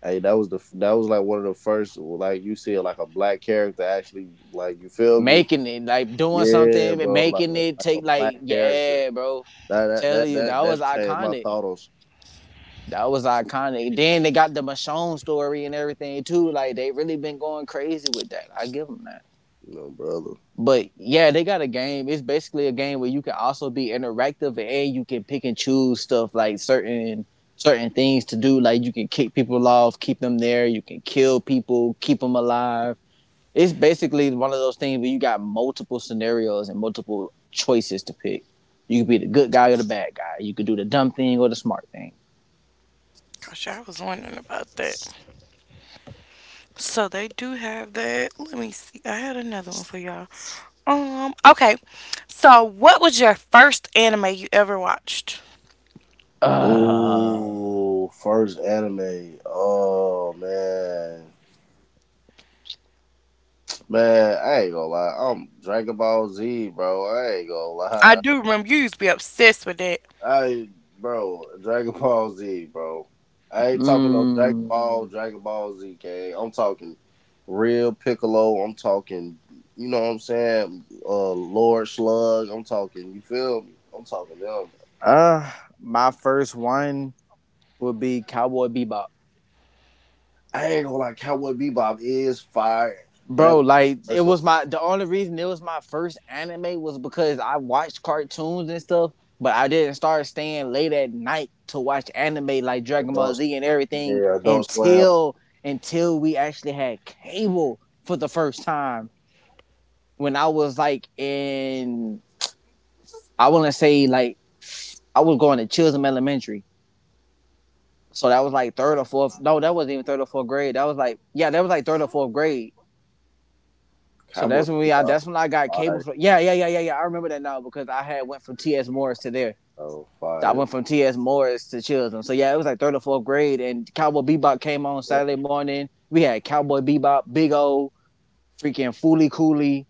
S3: Hey, that was that was like one of the first like you see like a black character actually, like you feel me?
S2: making it like doing
S3: Yeah,
S2: something,
S3: bro,
S2: making it
S3: like a
S2: take like
S3: black character.
S2: yeah, bro.
S3: That that
S2: Telling
S3: that
S2: you that
S3: that,
S2: was
S3: that changed my
S2: iconic.
S3: thought on
S2: That was iconic. Then they got the Michonne story and everything too. Like they really been going crazy with that. I give them that.
S3: you know, brother.
S2: But yeah, they got a game. It's basically a game where you can also be interactive and you can pick and choose stuff like certain things to do. Like you can kick people off, keep them there. You can kill people, keep them alive. It's basically one of those things where you got multiple scenarios and multiple choices to pick. You could be the good guy or the bad guy. You could do the dumb thing or the smart thing.
S1: Gosh, I was wondering about that. So they do have that. Let me see. I had another one for y'all. Okay. So what was your first anime you ever watched?
S2: Uh,
S3: Ooh, first anime. Oh man. Man, I ain't gonna lie. I'm Dragon Ball Z, bro. I ain't gonna
S1: I
S3: lie.
S1: do remember you used to be obsessed with that.
S3: I bro, Dragon Ball Z, bro. I ain't talking no Dragon
S2: mm,
S3: Ball, Dragon Ball Z, gang. I'm talking real Piccolo. I'm talking, you know what I'm saying? Lord Slug. I'm talking. You feel me? I'm talking them.
S2: uh, my first one would be Cowboy Bebop.
S3: I ain't gonna like Cowboy Bebop is fire, but that
S2: Bro,
S3: was
S2: like
S3: the
S2: it
S3: first one.
S2: was my the only reason it was my first anime was because I watched cartoons and stuff, but I didn't start staying late at night to watch anime like Dragon Ball
S3: Adult,
S2: Z and everything
S3: yeah, Adult Swim,
S2: until we actually had cable for the first time when I was like in I want to say like I was going to Chisholm Elementary. So that was like third or fourth. No, that wasn't even third or fourth grade. That was like yeah, that was like third or fourth grade. So
S3: Cowboy
S2: that's when
S3: Bebop,
S2: that's when I got cable
S3: fire,
S2: for. Yeah, yeah, yeah, yeah, yeah. I remember that now because I had went from T.S. Morris to there.
S3: bro,
S2: So I
S3: fire,
S2: went from T.S. Morris to Chisholm. So yeah, it was like third or fourth grade, and Cowboy Bebop came on
S3: yeah,
S2: Saturday morning. We had Cowboy Bebop, Big O, freaking Foolie Cooley.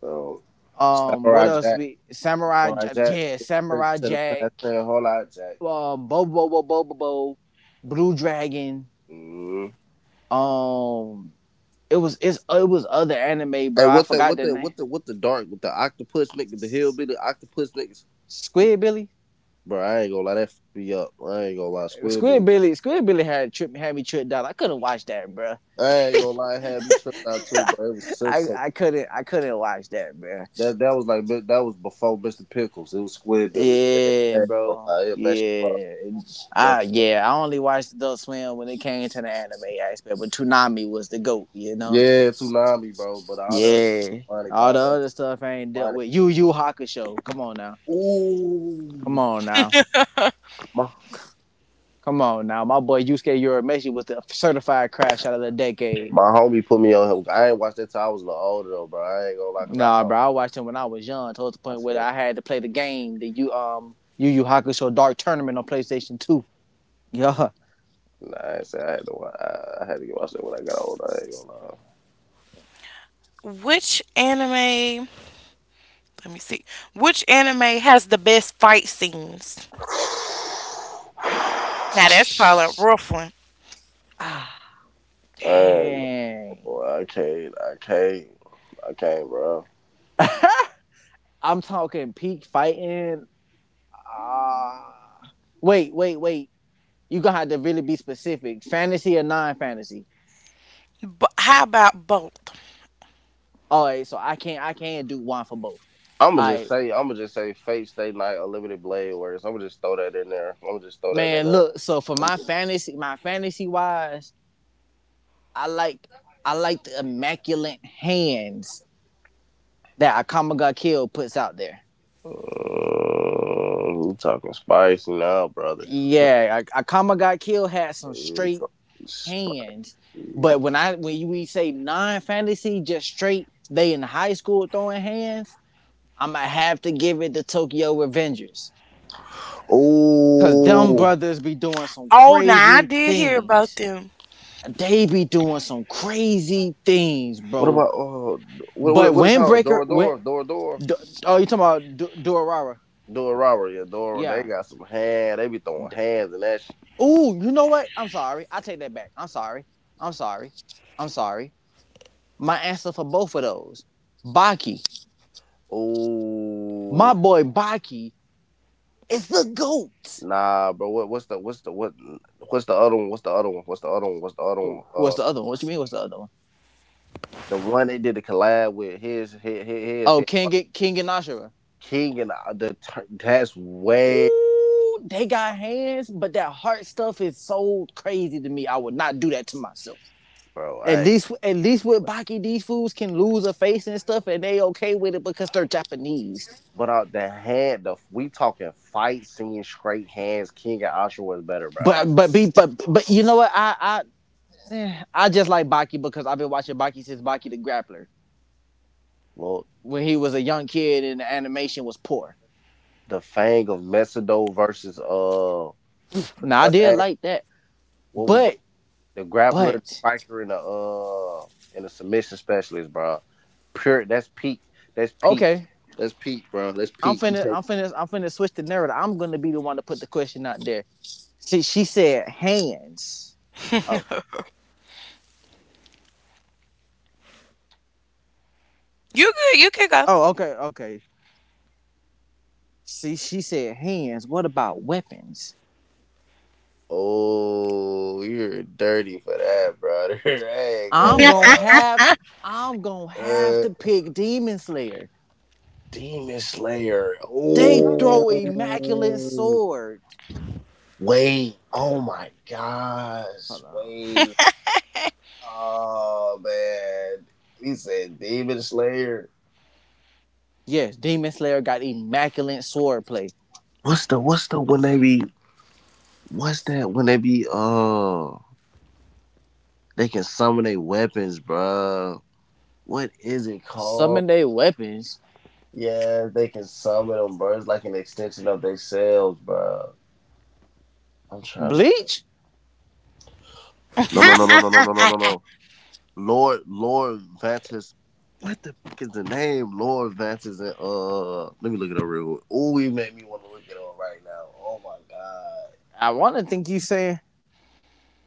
S3: bro.
S2: What
S3: Samurai
S2: else?
S3: Jack, Samurai Jack,
S2: Yeah,
S3: trick
S2: Samurai
S3: to the
S2: Jack,
S3: past, whole lot, Jack.
S2: Bobo, Bobo, Bobo, Bobo, Blue Dragon.
S3: Mm.
S2: Um, it was other anime,
S3: Hey,
S2: bro. I
S3: what the
S2: forgot
S3: what
S2: the
S3: the
S2: name.
S3: what the what the dark with the octopus nigga, the hillbilly octopus niggas,
S2: Squid Billy.
S3: bro. I ain't gonna lie, that be up. I ain't gonna lie,
S2: Squid
S3: Squidbilly.
S2: Billy, Squid Billy had me tripped out. I couldn't watch that, bro.
S3: I ain't gonna lie, it had me tripped out too, bro. It was
S2: I,
S3: Simpson.
S2: I couldn't I couldn't watch that, bro.
S3: That was like that was before Mr. Pickles. It was Squidbilly. Man. I
S2: Yeah,
S3: ain't gonna
S2: bro.
S3: lie, it messed you up. Man.
S2: Yeah. I only watched Adult Swim when it came to the anime aspect, but Toonami was the goat.
S3: Yeah, Toonami, bro. But all the other
S2: Yeah,
S3: demonic,
S2: all
S3: all
S2: the
S3: the other
S2: other stuff I ain't dealt
S3: demonic.
S2: with. Yu Yu Hakusho. Come on now.
S3: Ooh,
S2: Come on now.
S3: my
S2: Come on now. My boy Yusuke Urameshi was the certified crash out of the decade.
S3: my homie put me on him. I ain't watched that till I was a little older though, bro. I ain't gonna lie, cause I
S2: Nah, bro, I
S3: thought.
S2: watched him when I was young. Towards the
S3: I
S2: point where
S3: seen.
S2: I had to play the game that you Yu Yu Hakusho Dark Tournament on PlayStation 2. Yeah.
S3: Nah, I said I had to. I had to get watched it when I got older. I ain't gonna lie.
S1: Which anime let me see. Which anime has the best fight scenes? Now that's probably a rough one.
S2: Ah,
S3: And
S2: dang.
S3: well, I can't, bro.
S2: I'm talking peak fighting. Ah. Uh, wait, you gonna have to really be specific. Fantasy or non-fantasy?
S1: But how about both?
S2: All right, so I can't. I can't do one for both.
S3: I'ma
S2: All
S3: just
S2: right,
S3: say, I'ma just say, Fate Stay Night, Unlimited Blade Works. I'ma just throw that in there. I'ma just throw that in
S2: man.
S3: there.
S2: Look, so for
S3: I'm just,
S2: my fantasy wise, I like. I like the immaculate hands that Akama Got Killed puts out there.
S3: Mm, you talking spicy now, brother?
S2: Yeah, Akama Got Killed had some
S3: You
S2: straight
S3: talking spicy?
S2: hands, but when I when you we say non fantasy, just straight they in high school throwing hands, I'ma have to give it to Tokyo Revengers. Cause them
S3: Oh,
S2: brothers be doing some
S1: Oh now I
S2: crazy
S1: did hear about
S2: things.
S1: them.
S2: They be doing some crazy things,
S3: what
S2: bro.
S3: about what
S2: But
S3: what it called?
S2: Windbreaker,
S3: Door door door door.
S2: oh, you talking about Durarara?
S3: Doing robbery, yeah, doing. They
S2: Yeah.
S3: got some hand. They be throwing hands and that.
S2: Ooh, you know what? I'm sorry. I take that back. I'm sorry. I'm sorry. I'm sorry. My answer for both of those, Baki.
S3: Ooh,
S2: My boy Baki is the goat.
S3: nah, bro. What? What's the other one? What's the other one? What's the other one? What's the other one?
S2: Who? What's the other one? What you mean? What's the other one?
S3: The one they did the collab with his his his,
S2: Oh,
S3: his
S2: King and Ashura.
S3: King and the that's way,
S2: Ooh, they got hands, but that heart stuff is so crazy to me. I would not do that to myself.
S3: bro. I
S2: At least with Baki, these fools can lose a face and stuff, and they okay with it because they're Japanese.
S3: But the hand, the, we talking fight scene, straight hands. King and Osher was better, bro.
S2: But be but you know what? I just like Baki because I've been watching Baki since Baki the Grappler
S3: Look,
S2: when he was a young kid and the animation was poor.
S3: the Fang of Mesido versus what's
S2: Now I
S3: her
S2: did
S3: name?
S2: like that,
S3: What was
S2: but
S3: the grappler, the
S2: but
S3: striker, and the and the submission specialist, bro. Pure. That's peak. That's peak.
S2: okay,
S3: That's peak, bro. That's
S2: I'm
S3: peak. You
S2: finna
S3: can't-
S2: I'm finna I'm finna switch the narrative. I'm gonna be the one to put the question out there. See, she said hands. Oh
S1: You good, you can go.
S2: oh okay. See, she said hands. What about weapons?
S3: Oh, you're dirty for that, bro. There ain't
S2: I'm
S3: go.
S2: gonna have I'm gonna have
S3: Uh,
S2: to
S3: uh,
S2: pick Demon Slayer.
S3: Demon Slayer.
S2: They throw immaculate
S3: Oh,
S2: sword.
S3: wait. Oh my gosh.
S2: Hold on.
S3: Wait. Oh man. He said Demon Slayer.
S2: Yes, Demon Slayer got immaculate swordplay.
S3: What's the? When they be? What's that when they be they can summon their weapons, bruh. What is it called?
S2: Summon their weapons.
S3: Yeah, they can summon them, bruh. It's like an extension of themselves, bro. I'm trying to
S2: Bleach?
S3: No, no, no, no, no, no, no, no, no, no. Lord Vantis, what the fuck is the name? Lord Vantis, and let me look it up real quick. Ooh, you made me want to look it up right now. Oh my god.
S2: I want to think you saying.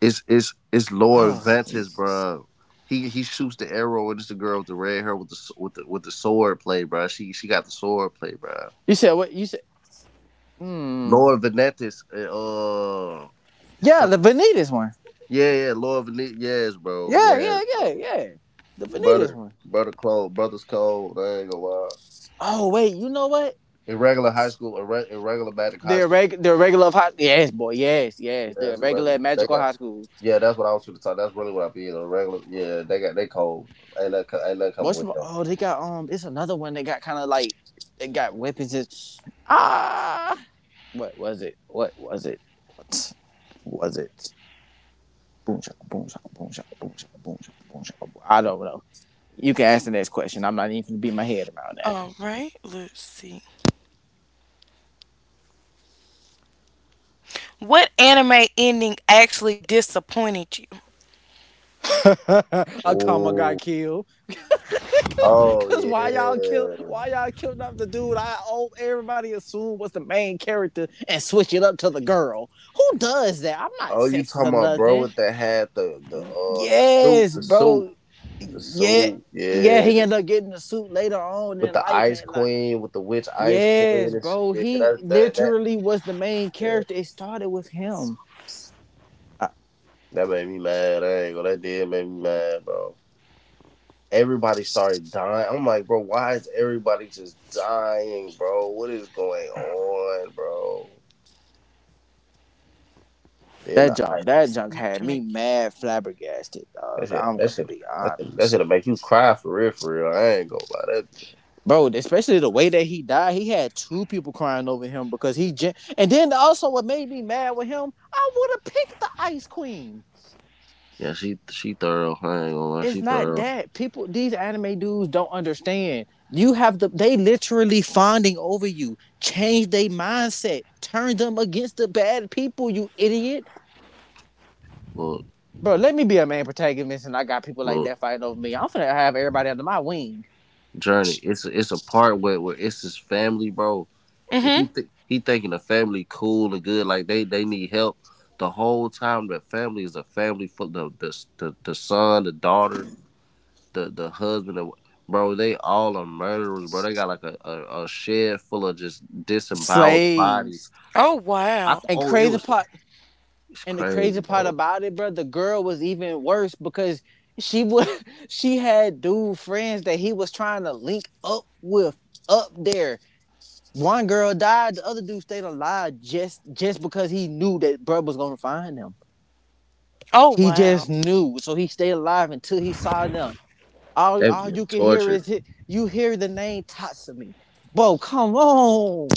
S3: It's Lord
S2: Oh,
S3: Ventus, bro. He shoots the arrow, and it's the girl with the red hair with the with the with the sword play, bro. She got the sword play, bro.
S2: you said what? You said. Hmm.
S3: Lord Ventus,
S2: Yeah, the
S3: summer.
S2: Vanitas one.
S3: Yeah, Lord Ventus. Yes, bro.
S2: Yeah,
S3: Yes,
S2: yeah, yeah,
S3: bro.
S2: yeah. The Vanitas
S3: Brother,
S2: one.
S3: brother, cold. Brother's cold, I ain't gonna lie.
S2: Oh wait, you know what?
S3: Irregular high school, irregular magic high school.
S2: The regular of high. Yes, boy. Yes, yes. The
S3: Yes, irregular.
S2: regular
S3: They
S2: magical
S3: got,
S2: high school.
S3: yeah, that's what I was trying to talk. That's really what I be in a regular. Yeah, they got, they cold. Ain't that coming with them.
S2: Oh they got it's another one they got kind of like they got weapons. Ah, what was it? What was it? Boom shaka, boom shaka, boom shaka, boom shaka, boom shaka, boom shaka. I don't know. You can ask the next question. I'm not even gonna beat my head around
S1: Alright, let's see. What anime ending actually disappointed you?
S2: that. A comma got killed. Cause
S3: Oh
S2: Cause why y'all kill? Why
S3: yeah.
S2: y'all killed off the dude? I oh everybody assumed was the main character and switch it up to the girl. Who does that? I'm not
S3: Oh, you
S2: sexist
S3: talking
S2: or
S3: about bro
S2: nothing.
S3: with the hat, the the suit,
S2: Yes,
S3: the suit,
S2: bro.
S3: the
S2: Yeah,
S3: suit.
S2: yeah. He
S3: Yeah,
S2: ended up getting the suit later on
S3: with
S2: in
S3: the
S2: life,
S3: ice
S2: and like
S3: queen, with the witch ice
S2: Yes,
S3: queen. And
S2: bro.
S3: shit. Yeah,
S2: He
S3: that
S2: literally was the main
S3: yeah.
S2: character. It started with him. Uh,
S3: That made me mad. I ain't gonna. That did make me mad, bro. Everybody started dying. I'm like, bro, why is everybody just dying, bro? What is going on, bro? Then
S2: that
S3: the ice.
S2: junk,
S1: It
S2: that
S1: is
S2: junk
S1: enough
S2: had
S1: to
S2: me
S1: make.
S2: mad flabbergasted,
S3: That
S2: dog.
S3: shit.
S2: I'm
S3: That
S2: gonna
S3: shit.
S2: be
S3: That shit. That
S2: honest,
S3: shit'll make you cry for real, for real. I ain't gonna lie. That.
S2: bro. Especially the way that he died. He had two people crying over him because he. And then also, what made me mad with him, I would have picked the Ice Queen.
S3: Yeah, she thorough. I ain't gonna lie,
S2: It's
S3: she
S2: not
S3: thorough.
S2: that people. These anime dudes don't understand. You have the they literally fawning over you. Change their mindset. Turn them against the bad people. You idiot.
S3: Look,
S2: Bro, let me be a main protagonist and I got people like
S3: look,
S2: that fighting over me. I'm finna have everybody under my wing.
S3: journey. It's a part where it's his family, bro.
S1: Mm-hmm.
S3: He thinking the family cool and good, like they need help. The whole time, the family is a family for the son, the daughter, the husband, and bro. They all are murderers, bro. They got like a shed full of just disemboweled bodies.
S2: Slaves.
S1: Oh
S3: I
S1: wow.
S3: th-
S2: And
S3: oh, it
S2: crazy
S3: was like
S2: part
S3: It's
S2: and the
S3: crazy,
S2: crazy part
S3: bro.
S2: about it, bro, the girl was even worse because she was she had dude friends that he was trying to link up with up there. One girl died, the other dude stayed alive just because he knew that bro was gonna find them.
S1: Oh
S2: He just
S1: wow.
S2: knew. So he stayed alive until he saw them. All,
S3: They was
S2: all
S3: getting
S2: you can hear
S3: tortured.
S2: is it. You hear the name Tatsumi. Bro, come on,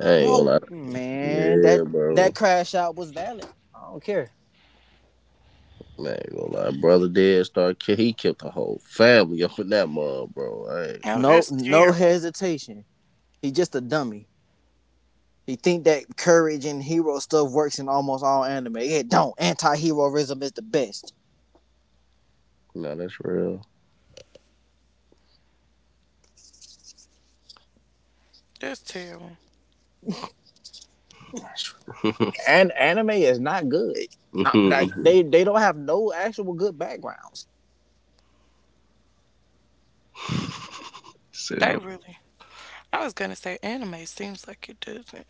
S3: I ain't gonna
S2: bro,
S3: lie.
S2: man.
S3: Yeah,
S2: That
S3: bro.
S2: crash out was valid. I don't care.
S3: I ain't gonna lie, brother dead start kill. He killed the whole family up in that mud, bro. I ain't.
S1: Oh,
S2: No,
S1: that's
S2: no
S1: terrible.
S2: hesitation. He just a dummy. He think that courage and hero stuff works in almost all anime. It don't. Anti-heroism is the best.
S3: Nah, that's real.
S1: That's terrible.
S2: And anime is not good, like they don't have no actual good backgrounds.
S3: Say
S1: They
S3: no.
S1: really I was gonna say anime seems like it doesn't.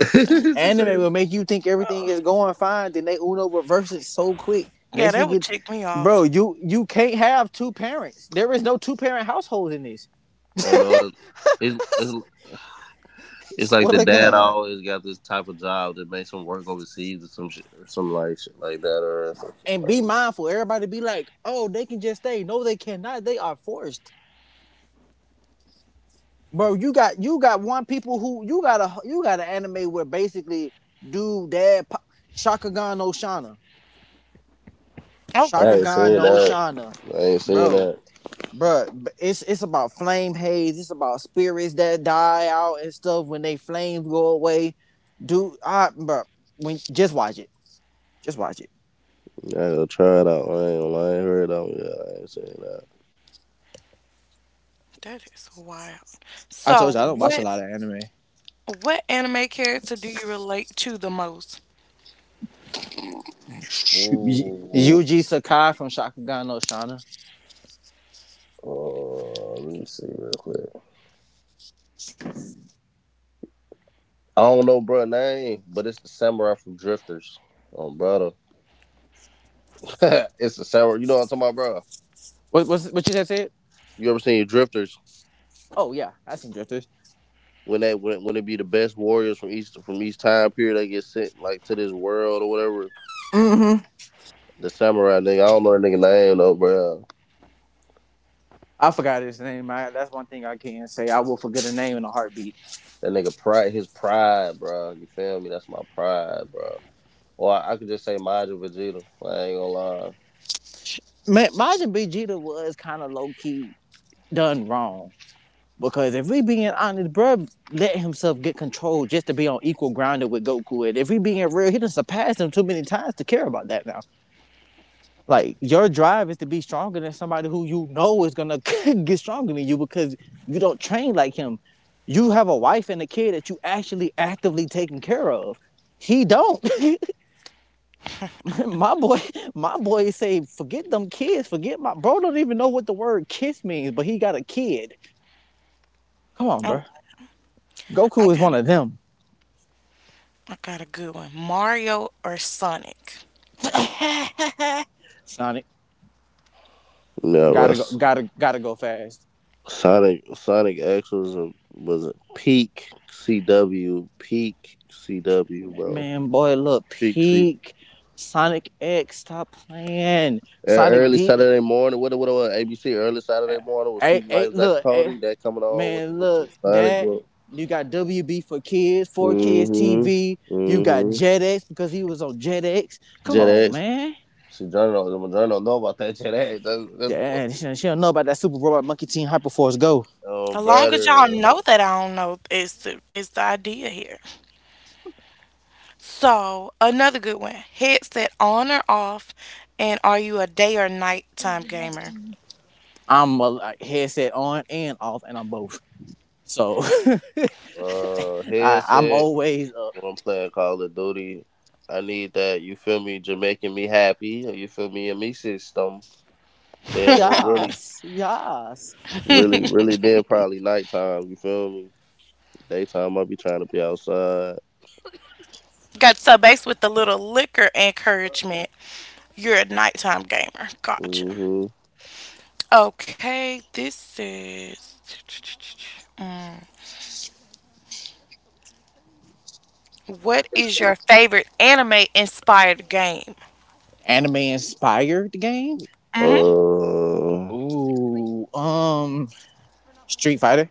S1: Let me
S3: Just
S2: Anime
S3: saying.
S2: will make you think everything
S1: Oh.
S2: is going fine, then they uno reverse it so quick.
S1: Yeah,
S2: Next thing,
S1: that would
S2: you,
S1: tick me
S2: bro,
S1: off.
S2: you can't have two parents. There is no two parent household in this.
S3: Oh no, it's, it's it's like
S2: Swear
S3: the
S2: to
S3: dad
S2: God.
S3: always got this type of job that makes him work overseas or some shit, or some like shit like that, or some
S2: And be
S3: shit.
S2: mindful. Everybody be like, oh, they can just stay. No, they cannot. They are forced, bro. You got one people who you got an anime where basically dude dad Shakagan no Shana,
S1: Oh
S3: I
S1: wow.
S3: ain't
S2: Shakagan
S3: seen
S2: no
S3: that.
S2: Shana,
S3: I ain't seen
S2: bro.
S3: that.
S2: Bruh, it's about flame haze. It's about spirits that die out and stuff when they flames go away. Dude, I bruh, when just watch it. Just watch it.
S3: I gotta try it out. I ain't gonna lie, I ain't heard of it yet. I ain't seen that.
S1: That is wild.
S2: I
S1: So
S2: told you I don't watch a
S1: what
S2: lot of anime.
S1: anime character do you relate to the most?
S3: Ooh,
S2: Yuji Sakai from Shakugan no Shana.
S3: let me see real quick. I don't know, bro, name, but it's the samurai from Drifters. Oh, brother, it's the samurai. You know what I'm talking about, bro?
S2: What you just said?
S3: You ever seen Drifters?
S2: Oh yeah, I seen Drifters.
S3: When they when, it be the best warriors from each time period, they get sent like to this world or whatever.
S2: Mm-hmm.
S3: The samurai nigga, I don't know that nigga name though, bro.
S2: I forgot his name. That's one thing I can't say. I will forget a name in a heartbeat.
S3: That nigga pride, his pride, bro. You feel me? That's my pride, bro. Or I could just say Majin Vegeta. I ain't gonna lie.
S2: Majin Vegeta was kind of low key done wrong. Because if we being honest, bruh let himself get controlled just to be on equal grounded with Goku. And if we being real, he done surpassed him too many times to care about that now. Like your drive is to be stronger than somebody who you know is gonna get stronger than you because you don't train like him. You have a wife and a kid that you actually actively taking care of. He don't. my boy, my boy say, forget them kids, forget my bro. Don't even know what the word kiss means, but he got a kid. Come on, bro.
S1: Oh
S2: Goku
S1: I
S2: is
S1: got
S2: one
S1: a
S2: of them.
S1: I got a good one. Mario or Sonic?
S2: Sonic,
S3: Yeah, bro.
S2: gotta go fast.
S3: Sonic X was a peak CW, peak CW, bro,
S2: Man, boy, look,
S3: peak C.
S2: peak. Sonic X, stop playing. Sonic
S3: Early
S2: D,
S3: Saturday morning, what, ABC early Saturday morning with
S2: hey,
S3: Sweet
S2: hey,
S3: Life Zach and
S2: look, hey,
S3: Cody, that coming on
S2: man,
S3: with
S2: look,
S3: the Sonic
S2: that
S3: work.
S2: you got WB for kids
S3: Mhm.
S2: TV. You got
S3: Mhm.
S2: Jetix because he was on Jetix. Come
S3: Jet
S2: on,
S3: X,
S2: man.
S3: see journal, the journal don't know about that Jet X. That's
S2: Yeah, she, don't know about that Super Robot Monkey Team Hyperforce Go.
S1: As long as y'all
S3: brother.
S1: know that I don't know is the idea here. So, another good one, headset on or off, and are you a day or nighttime gamer?
S2: I'm a like, headset on and off, and I'm both. So I'm
S3: Headset.
S2: always
S3: When I'm playing Call of Duty, I need that. You feel me? Jamaican me happy. You feel me? And me system. Then it really,
S2: yes, yes.
S3: really, really. Then probably nighttime. You feel me? Daytime, I be trying to be outside.
S1: Got so based with the little liquor encouragement, you're a nighttime gamer. Gotcha.
S3: Hmm.
S1: Okay, this is, what is your favorite anime inspired game?
S2: Anime inspired game?
S1: Hmm.
S3: Uh,
S2: Ooh, um, Street Fighter.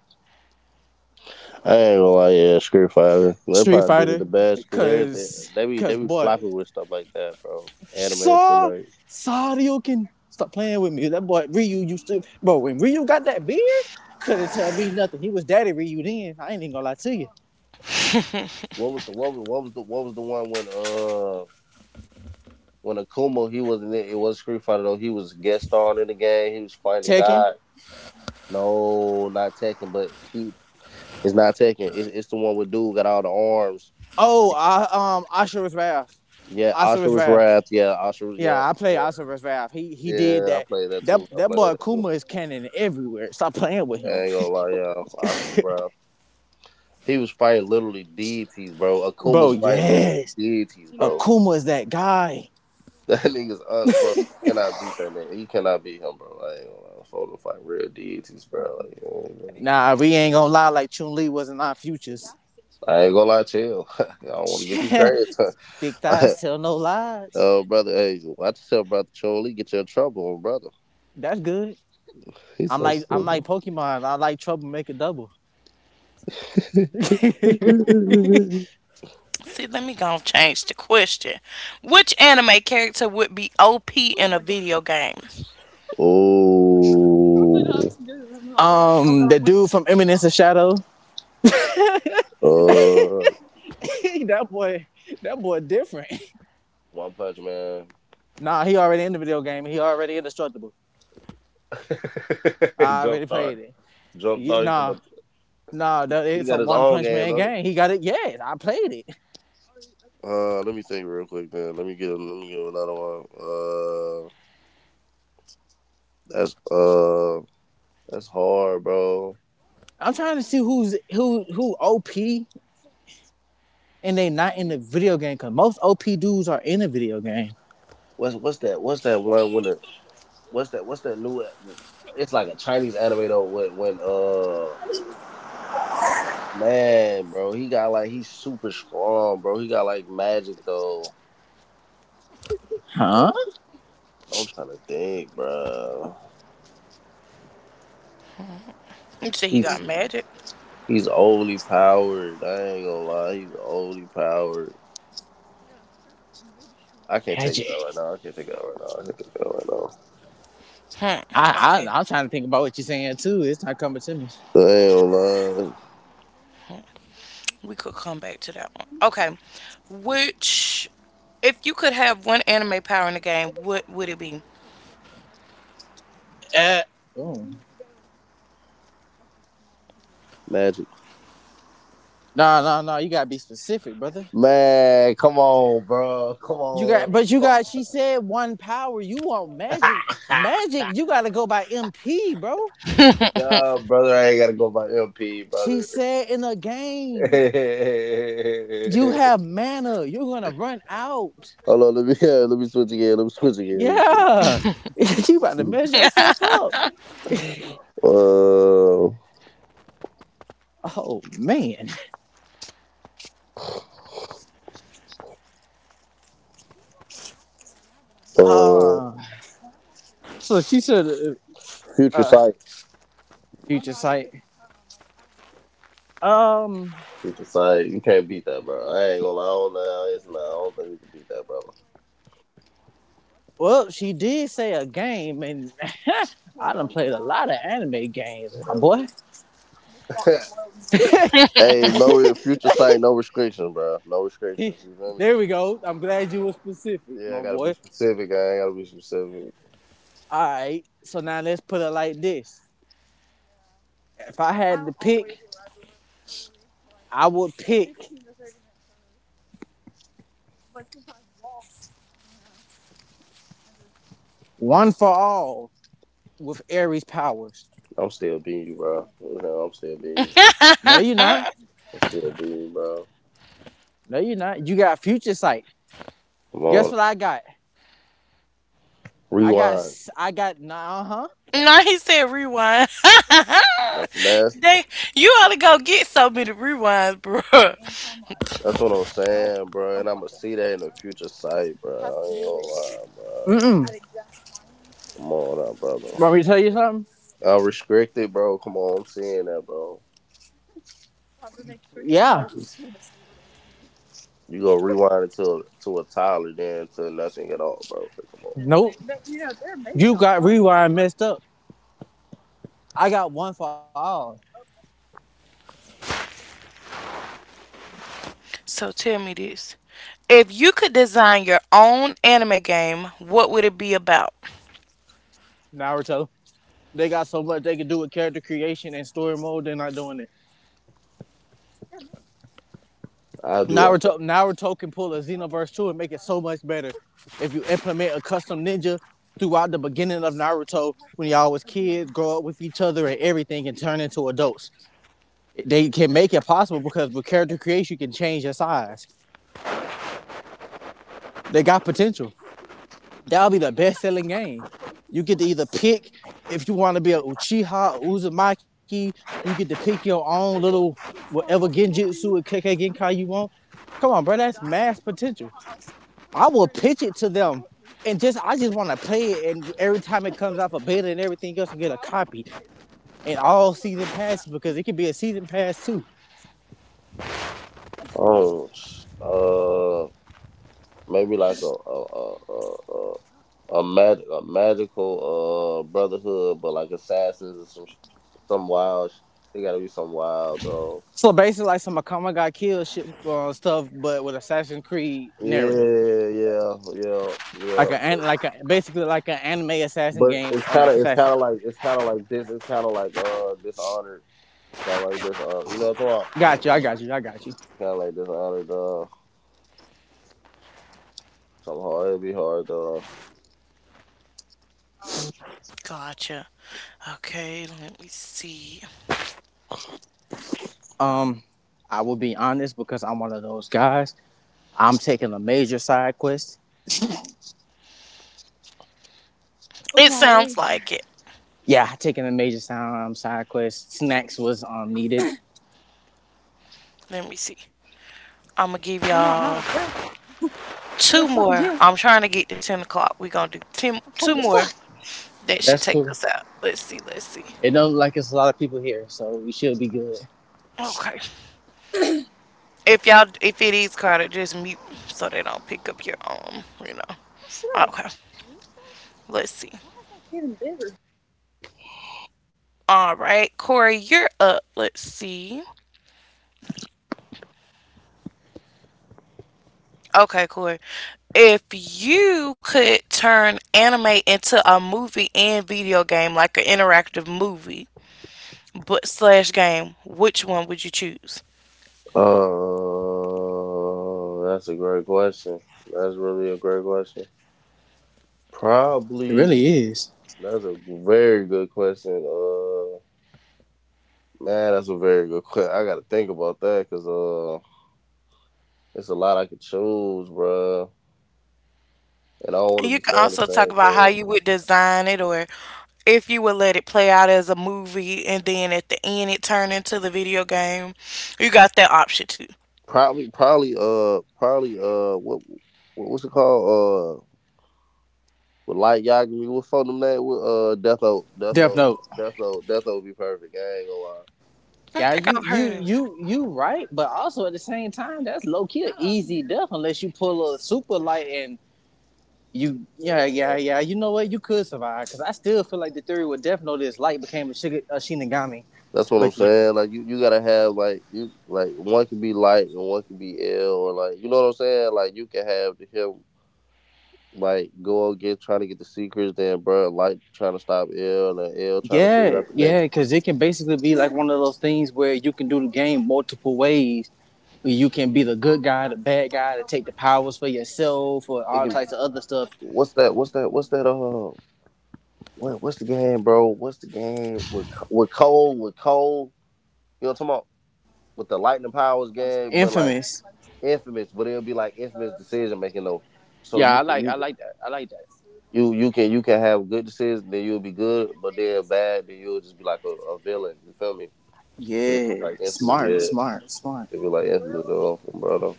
S3: I ain't gonna lie, yeah, Street Fighter. They
S2: Street
S3: probably did it
S2: Fighter.
S3: the best because everything
S2: Cause,
S3: they be, they
S2: cause
S3: be
S2: boy,
S3: flopping with stuff like that, bro. Animated to
S2: saw
S3: like,
S2: Sariokin. Stop playing with me. That boy Ryu used to, bro. When Ryu got that beard, couldn't tell me nothing. He was daddy Ryu then. I ain't even gonna lie to you.
S3: what was the? What was the? One when when Akuma, he wasn't it. It was Street Fighter though. He was a guest star in the game. He was fighting
S2: Tekken.
S3: God. No, not Tekken, but he, it's not Tekken. It's the one with dude got all the arms.
S2: Oh, I Asura's Wrath.
S3: Yeah,
S2: Asura's
S3: Ashura's
S2: Wrath.
S3: Wrath. Yeah, Ashura's. Yep,
S2: Yeah, I play
S3: yep.
S2: also versus Valve. He did
S3: Yeah, I
S2: that.
S3: played that
S2: That
S3: too. I
S2: that
S3: played
S2: boy
S3: that too.
S2: Akuma is cannon everywhere. Stop playing with
S3: I
S2: him,
S3: ain't gonna lie, yeah. Ashura's Wrath. He was fighting literally deities, bro.
S2: bro.
S3: Akuma's fighting literally
S2: Yes,
S3: deities,
S2: yeah.
S3: bro.
S2: Akuma is that guy.
S3: That nigga's un, bro. You cannot beat that nigga. You cannot beat him, bro. I ain't gonna lie. Fold him fight real deities, bro. Like, you know what I mean?
S2: Nah, we ain't gonna lie. Like Chun Li wasn't our futures.
S3: I ain't gonna lie to you. I don't want to get too
S2: Yeah.
S3: crazy.
S2: Thick thighs tell no lies.
S3: Oh, brother, hey, watch yourself, brother. Troll, he get you in trouble, brother.
S2: That's good.
S3: He's so
S2: I'm like
S3: stupid.
S2: Pokemon. I like trouble. Make it double.
S1: See, let me go and change the question. Which anime character would be OP in a video game?
S3: Oh,
S2: The dude from Eminence of Shadow.
S3: uh,
S2: that boy, that boy different.
S3: One Punch Man.
S2: Nah, he already in the video game. He already indestructible. I
S3: Jump
S2: already
S3: start.
S2: played it.
S3: Jump
S2: Yeah,
S3: start. He talking
S2: nah,
S3: about he
S2: it's a
S3: got his
S2: One
S3: own
S2: Punch
S3: game,
S2: Man
S3: don't he?
S2: game. He got it. Yes, I played it.
S3: Let me think real quick, then. Let me get, let me get another one. That's uh, that's hard, bro.
S2: I'm trying to see who OP and they not in the video game because most OP dudes are in the video game.
S3: What's that? What's that one? When, what's that? New, it's like a Chinese anime though, when man, bro, he got like, he's super strong, bro. He got like magic though.
S2: Huh?
S3: I'm trying to think, bro.
S1: You see, he got
S3: he's
S1: magic.
S3: he's overly powered, I ain't gonna lie. He's overly powered. I can't think of it right
S2: Magic.
S3: now. I can't think of it right now
S2: I,
S1: Okay.
S2: I I'm trying to think about what you're saying too. It's not coming to me.
S3: I ain't gonna lie.
S1: We could come back to that one. Okay. Which, if you could have one anime power in the game, what would it be?
S2: Uh, boom.
S3: Magic.
S2: Nah, nah, nah. You gotta be specific, brother.
S3: Man, come on bro, come on.
S2: You got. She said one power. You want magic? Magic? You gotta go by MP, bro.
S3: Nah, brother, I ain't gotta go by MP,
S2: She
S3: brother.
S2: said in a game.
S3: Hold
S2: You have manna. You're gonna run out.
S3: on, let me yeah, let me switch again. Let me switch again.
S2: Yeah. You about to
S3: Let me
S2: mess
S3: switch.
S2: yourself up.
S3: Uh,
S2: Oh man.
S3: uh,
S2: Uh so she said
S3: future
S2: uh
S3: sight.
S2: future sight. Um
S3: Future sight. You can't beat that, bro. I ain't gonna lie. I don't know. It's not, I don't think you can beat that, brother.
S2: well she did say a game and I done played a lot of anime games, my boy.
S3: Ever. Hey, no future sight. No restrictions, bro. No restrictions. You feel me?
S2: There we go. I'm glad you were specific,
S3: Yeah,
S2: my
S3: I gotta be
S2: boy.
S3: specific. I ain't gotta be specific.
S2: Alright, so now let's put it like this. If I had to pick, I would pick one for all with Aries powers.
S3: I'm still being you, bro. You know, I'm still being you.
S2: No, you're not.
S3: I'm still being you, bro.
S2: No, you're not. You got future sight.
S3: Come
S2: Guess
S3: on.
S2: what I got? I got.
S3: Rewind.
S2: I got. Nah, uh huh.
S1: No, he said rewind.
S3: That's nasty.
S1: They, you only go get so many rewinds, bruh.
S3: That's what I'm saying, bro. And I'ma see that in the future sight, bro. I ain't gonna lie,
S2: Mm
S3: bro.
S2: mm.
S3: Come on now, brother.
S2: Want me to tell you something?
S3: I'm restricted, bro. Come on, I'm seeing that, bro.
S2: Yeah.
S3: You gonna rewind it to a toddler, then to nothing at all, bro. But come on,
S2: Nope. You got rewind messed up. I got one for all.
S1: So tell me this. If you could design your own anime game, what would it be about?
S2: Naruto. They got so much they can do with character creation and story mode. They're not doing it.
S3: I do
S2: Now we're
S3: like that.
S2: talking. Naruto can pull a Xenoverse 2 and make it so much better if you implement a custom ninja throughout the beginning of Naruto when y'all was kids, grow up with each other and everything and turn into adults. They can make it possible because with character creation, you can change your size. They got potential. That'll be the best selling game. You get to either pick if you want to be a Uchiha, Uzumaki, you get to pick your own little whatever Genjutsu and Kekkei Genkai you want. Come on, bro, that's mass potential. I will pitch it to them and just I just want to play it and every time it comes off a beta and everything else and get a copy and all season passes because it could be a season pass too.
S3: Oh, uh, maybe like a magical brotherhood, but like assassins or some some wild. They gotta be some wild though.
S2: So basically like some Akama got killed shit stuff but with Assassin's Creed narrative.
S3: Yeah,
S2: Like
S3: yeah.
S2: an like a basically like an anime assassin
S3: But
S2: game
S3: it's
S2: on a
S3: kind of,
S2: assassin.
S3: it's kind of like this. It's kind of like Dishonored. Kind of like this. You know what I'm talking about?
S2: Got you, I got you, I got you.
S3: Kind of like Dishonored. Something hard. It'd be hard.
S1: Gotcha. Okay, let me see.
S2: Um I will be honest because I'm one of those guys. I'm taking a major side quest.
S1: It sounds like it.
S2: Yeah, taking a major side quest. Snacks was needed.
S1: Let me see. I'm gonna give y'all two more. I'm trying to get to 10 o'clock. We're gonna do 10, two more. That should
S2: That's
S1: take
S2: cool.
S1: us out. Let's see. Let's see.
S2: It don't like it's a lot of people here, so we should be good.
S1: Okay. If y'all, if it is crowded, just mute so they don't pick up your You know. Okay. Let's see. All right, Corey, you're up. Let's see. Okay, Corey. If you could turn anime into a movie and video game, like an interactive movie, but slash game, which one would you choose?
S3: That's a great question. That's really a great question.
S2: It
S3: Probably.
S2: really is.
S3: That's a very good question. Man, that's a very good question. I gotta think about that because it's a lot I could choose, bruh. And I don't
S1: And
S3: want
S1: you
S3: to be
S1: can
S3: saying the
S1: also talk
S3: same
S1: about how
S3: thing.
S1: you would design it, or if you would let it play out as a movie and then at the end it turn into the video game. You got that option too.
S3: Probably, what what's it called? With Light Yagami, what phone them that? With
S2: Death Note.
S3: Death Note. Death Note be perfect. I ain't gonna lie.
S1: I
S2: Yeah,
S1: think
S2: you
S1: I've heard
S2: you
S1: of it.
S2: you you right, but also at the same time, that's low key a easy death unless you pull a super light and you
S3: Man.
S2: yeah. You know what? You could survive because I still feel like the theory with Death Note is light became a Shinigami,
S3: That's what I'm
S2: but
S3: saying. Like you gotta have like you, like one can be Light and one can be Ill, or like you know what I'm saying. Like you can have him go get, trying to get the secrets, then bro, Light trying to stop Ill and Ill trying to figure
S2: yeah
S3: out the
S2: yeah
S3: next.
S2: because it can basically be like one of those things where you can do the game multiple ways. You can be the good guy, the bad guy, to take the powers for yourself, or
S3: It
S2: all
S3: can.
S2: types of other stuff.
S3: What's that? What, what's the game, bro? What's the game with Cole? With Cole, you know what I'm talking about? With the Lightning Powers game, but like
S2: Infamous.
S3: Infamous, but it'll be like Infamous decision making though. So
S2: Yeah,
S3: you
S2: I
S3: can
S2: like I like that. I like that.
S3: you can you can have good decisions, then you'll be good, but then bad, then you'll just be like a villain. You feel me? But it's
S2: Yeah.
S3: like Infamous, yeah.
S2: Smart.
S3: It'd be like Infamous though, bro. Though.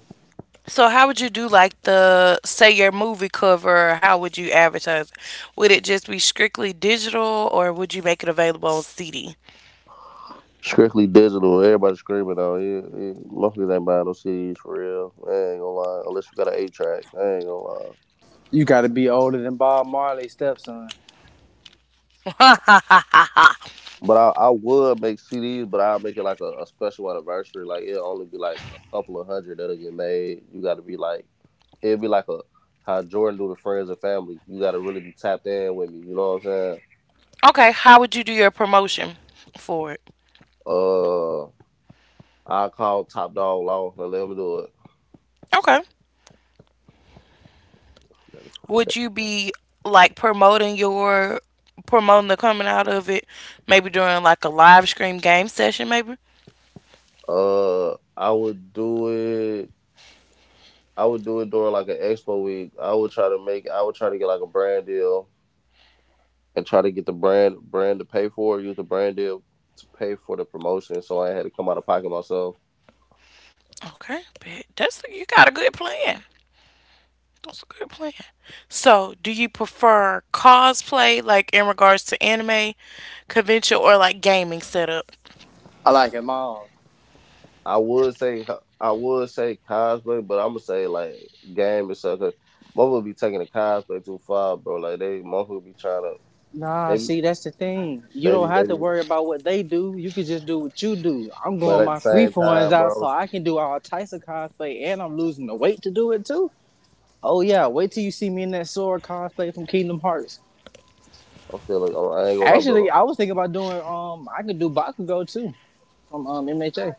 S1: So how would you do, like, the say your movie cover, or how would you advertise it? Would it just be strictly digital or would you make it available on CD?
S3: Strictly digital, everybody screaming though. Yeah, yeah. Motherfuckers ain't buying no CDs for real. I ain't gonna lie, unless you got an A track. I ain't gonna lie.
S2: You gotta be older than Bob Marley's stepson.
S3: But I would make CDs, but I'll make it like a special anniversary. Like it'll only be like a couple of hundred that'll get made. You gotta be like, it'll be like a how Jordan do the friends and family. You gotta really be tapped in with me, you know what I'm saying?
S1: Okay, how would you do your promotion for it?
S3: Uh I'll call Top Dog Law and let him do
S1: Okay.
S3: it.
S1: Would you be like promoting your promoting the coming out of it, maybe during like a live stream game session maybe?
S3: I would do it I would do it during like an expo week. I would try to get like a brand deal and try to get the brand to pay for it, use the brand deal to pay for the promotion, so I had to come out of pocket myself.
S1: Okay, bet. That's, you got a good plan. That's a good plan. So do you prefer cosplay like in regards to anime convention or like gaming setup?
S2: I like him all.
S3: I would say Cosplay, but I'm gonna say like Game and stuff. Cause motherfuckers be taking the Cosplay too far, bro. Like they motherfuckers be trying to
S2: Nah,
S3: they be
S2: see, that's the thing. You
S3: they
S2: don't
S3: be they
S2: have to
S3: be.
S2: worry about what they do. You could just do what you do. I'm
S3: But
S2: going
S3: at the
S2: my free
S3: same
S2: forms
S3: time,
S2: out
S3: bro,
S2: so I
S3: I'm,
S2: can do all types of cosplay and I'm losing the weight to do it too. Oh yeah, wait till you see me in that sword cosplay from Kingdom Hearts.
S3: I'm still. I ain't gonna lie,
S2: Actually,
S3: brother.
S2: I was thinking about doing I could do Bakugo too, from MHA.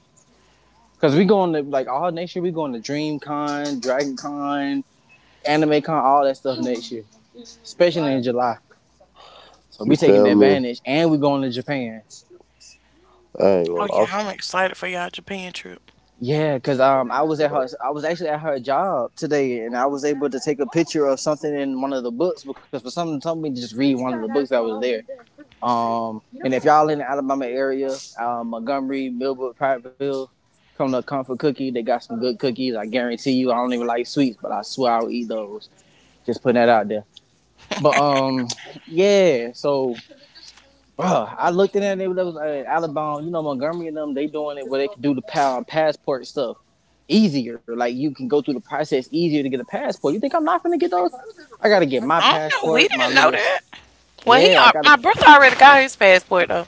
S2: Cause we going to like all next year. We going to DreamCon, DragonCon, AnimeCon, all that stuff next year, especially in July. So
S3: You
S2: we taking
S3: feel me?
S2: advantage, and we going to Japan.
S3: I ain't
S1: Oh
S3: gonna lie.
S1: yeah, I'm excited for y'all Japan trip.
S2: Yeah, cause I was at
S3: I'm,
S2: her. I was actually at her job today, and I was able to take a picture of something in one of the books because for some told me to just read one of the books that was there. And if y'all in the Alabama area, Montgomery, Millbrook, Prattville, come to Comfort Cookie. They got some good cookies, I guarantee you. I don't even like sweets, but I swear I'll eat those. Just putting that out there. But um, yeah. So, Bruh, I looked in there, and they was Alabama. You know, Montgomery and them, they doing it where they can do the power passport stuff easier. Like you can go through the process easier to get a passport. You think I'm not gonna get those? I gotta get my
S1: I don't know, we
S2: passport, my
S1: didn't know
S2: little
S1: that. Well,
S2: yeah. I gotta
S1: my brother already got his passport though,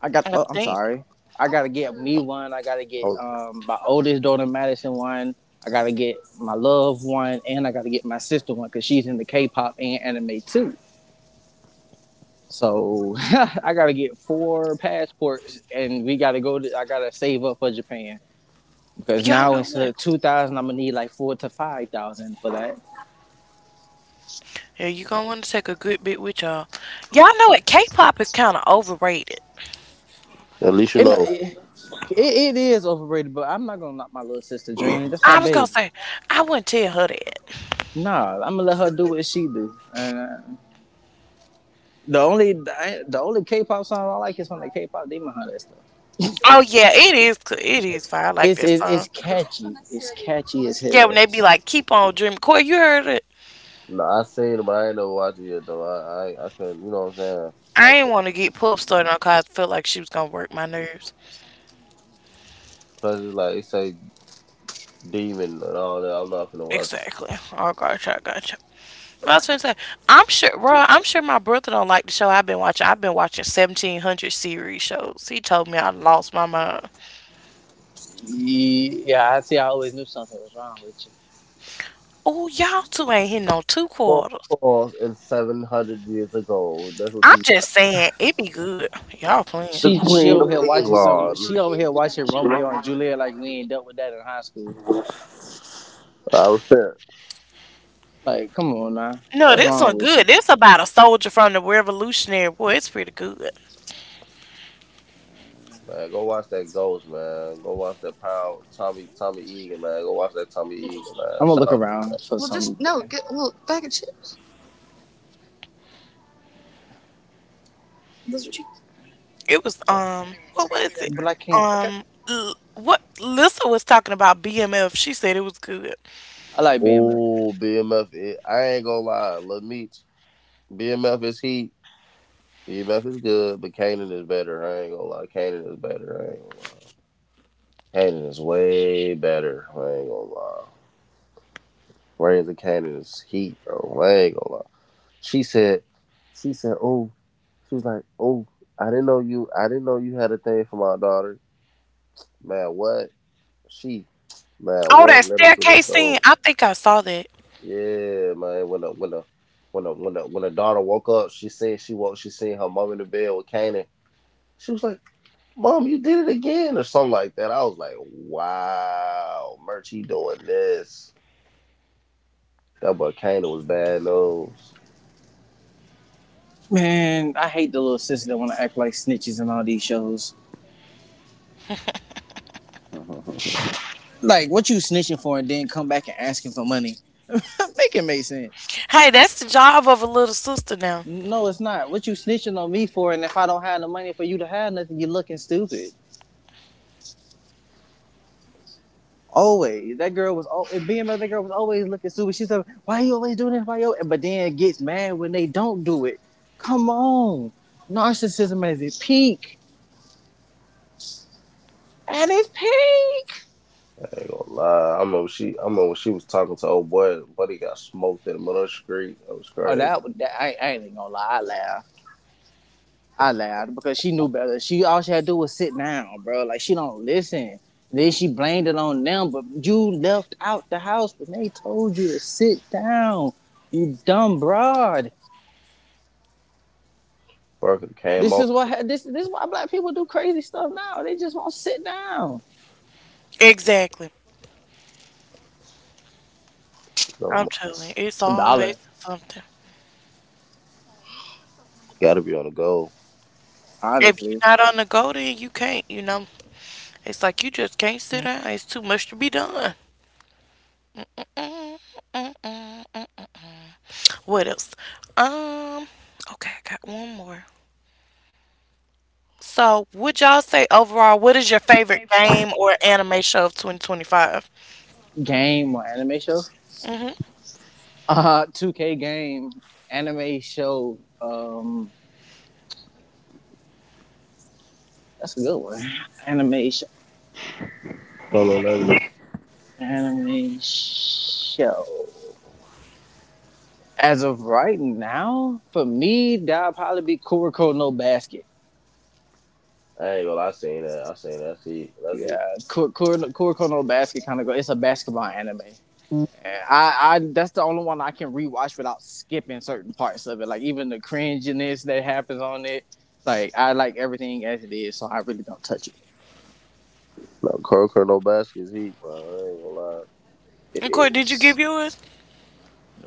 S2: I got.
S1: I
S2: Oh, I'm
S1: think.
S2: sorry. I gotta get me one. I gotta get
S3: I'm,
S2: my oldest daughter Madison one. I gotta get my love one, and I gotta get my sister one because she's into K-pop and anime too. So I gotta get four passports, and we gotta go to, I gotta save up for Japan because
S1: Y'all
S2: now
S1: know
S2: instead
S1: what?
S2: of 2,000, I'm gonna need like four to five thousand for that.
S1: Yeah, you gonna want to take a good bit with y'all. Y'all know it. K-pop is kind of overrated.
S3: at least you
S2: And
S3: know.
S2: it is overrated, but I'm not gonna knock my little sister dream. That's my
S1: I was gonna
S2: baby.
S1: say, I wouldn't tell her that.
S2: Nah, I'm gonna let her do what she do, and uh, The only the only K-pop song I like is from the K-pop Demon Hunter stuff.
S1: Oh yeah, it is. It is fire. I like that song.
S2: It's catchy. It's catchy as
S1: Yeah, when they
S2: hell.
S1: be like, "Keep on dreaming." Corey, you heard it.
S3: No, I seen it, but I ain't never watched it yet though. I couldn't. You know what I'm saying? I
S1: I ain't
S3: couldn't.
S1: want to get pulled started on cause I felt like she was gonna work my nerves.
S3: Plus, it's like it say demon. No, no, I'm not gonna watch.
S1: Exactly. Oh gotcha, I gotcha. Well, I was gonna say, I'm sure, bro. I'm sure my brother don't like the show I've been watching. I've been watching 1700 series shows. He told me I lost my mind.
S2: Yeah, I see. I always knew something was wrong with you.
S1: Oh, y'all two ain't hitting on two
S3: False
S1: quarters.
S3: Falls and 700 Years Ago. That's what
S1: I'm
S3: you
S1: just
S3: watch.
S1: saying, it be good. Y'all playing.
S3: The
S2: She
S3: Queen
S2: over
S3: of
S2: here watching some.
S3: England.
S2: She over here watching Romeo and Juliet like we ain't dealt with that in high school.
S3: I repent.
S2: Like, come on now,
S1: No,
S2: what's
S1: this
S3: Alright,
S1: one
S2: wrong
S1: good.
S2: with you?
S1: This about a soldier from the Revolutionary War. It's pretty good.
S3: man, go watch that Ghost, man. Go watch that Pound Tommy Egan, man. Go watch that Tommy Egan, man.
S2: I'm gonna
S3: Shout
S2: look
S3: out.
S2: around for something.
S1: It was what was it?
S2: But I can't.
S1: What Lissa was talking about BMF. She said it was good.
S2: I like being left.
S3: Oh, BMF. It, I ain't gonna lie, Lil Meech. BMF is heat. BMF is good, but Kanan is better. I ain't gonna lie. Kanan is better. I ain't gonna lie. Kanan is way better. I ain't gonna lie. Raising Canaan is heat, bro. I ain't gonna lie. She said, oh, oh, I didn't know you had a thing for my daughter. Man, what? She, man,
S1: Oh,
S3: what?
S1: that
S3: Let him through the
S1: staircase scene.
S3: door.
S1: I think I saw that.
S3: Yeah, man. When the when the when the when the when the daughter woke up, she seen her mom in the bed with Canaan. She was like, Mom, you did it again, or something like that. I was like, wow, Merchie doing this. That boy Canaan was bad nose.
S2: Man, I hate the little sisters that want to act like snitches in all these shows. Like, what you snitching for and then come back and asking for money? Make it make sense.
S1: Hey, that's the job of a little sister now.
S2: No, it's not. What you snitching on me for? And if I don't have the money for you to have nothing, you looking stupid. Always. That girl was. Al- And being mother, That girl was always looking stupid. She said, "Why you always doing this? Why you?" But then it gets mad when they don't do it. Come on, narcissism is at its peak. At its peak.
S3: I ain't gonna lie. I remember when she was talking to old boy. Buddy got smoked in the middle of the street. That was
S2: Oh,
S3: crazy.
S2: that. that I, I ain't even gonna lie. I laughed. I laughed because she knew better. She all she had to do was sit down, bro. Like she don't listen. Then she blamed it on them, but you left out the house when they told you to sit down. You dumb broad.
S3: Parker came
S2: This
S3: over.
S2: is what this this is why black people do crazy stuff now. They just won't sit down.
S1: Exactly. I'm
S3: So
S1: telling you, it's
S2: It's a
S1: always
S2: dollar,
S1: something.
S3: got to be on the go.
S1: If you're
S2: obviously.
S1: not on the go, then you can't. You know, it's like you just can't sit down. It's too much to be done. What else? Um, okay, I got one more. So, would y'all say overall, what is your favorite game or anime show of 2025?
S2: Game or anime show?
S1: Mm-hmm.
S2: Two K game anime show. That's a good one. Anime show.
S3: Follow that.
S2: Anime show. As of right now, for me, that'll probably be Kuroko no Basket.
S3: I ain't gonna lie, I seen that. I seen that. That's heat. That's heat.
S2: Yeah, Kuroko no Basket kind of go. It's a basketball anime.
S3: No,
S2: And I that's the only one I can rewatch without skipping certain parts of it. Like even the cringiness that happens on it. Like I like everything as it is, so I really don't touch it.
S3: Carl no Baskets heat, bro. I ain't gonna lie.
S2: It
S1: And Court, did you
S2: is
S1: give yours?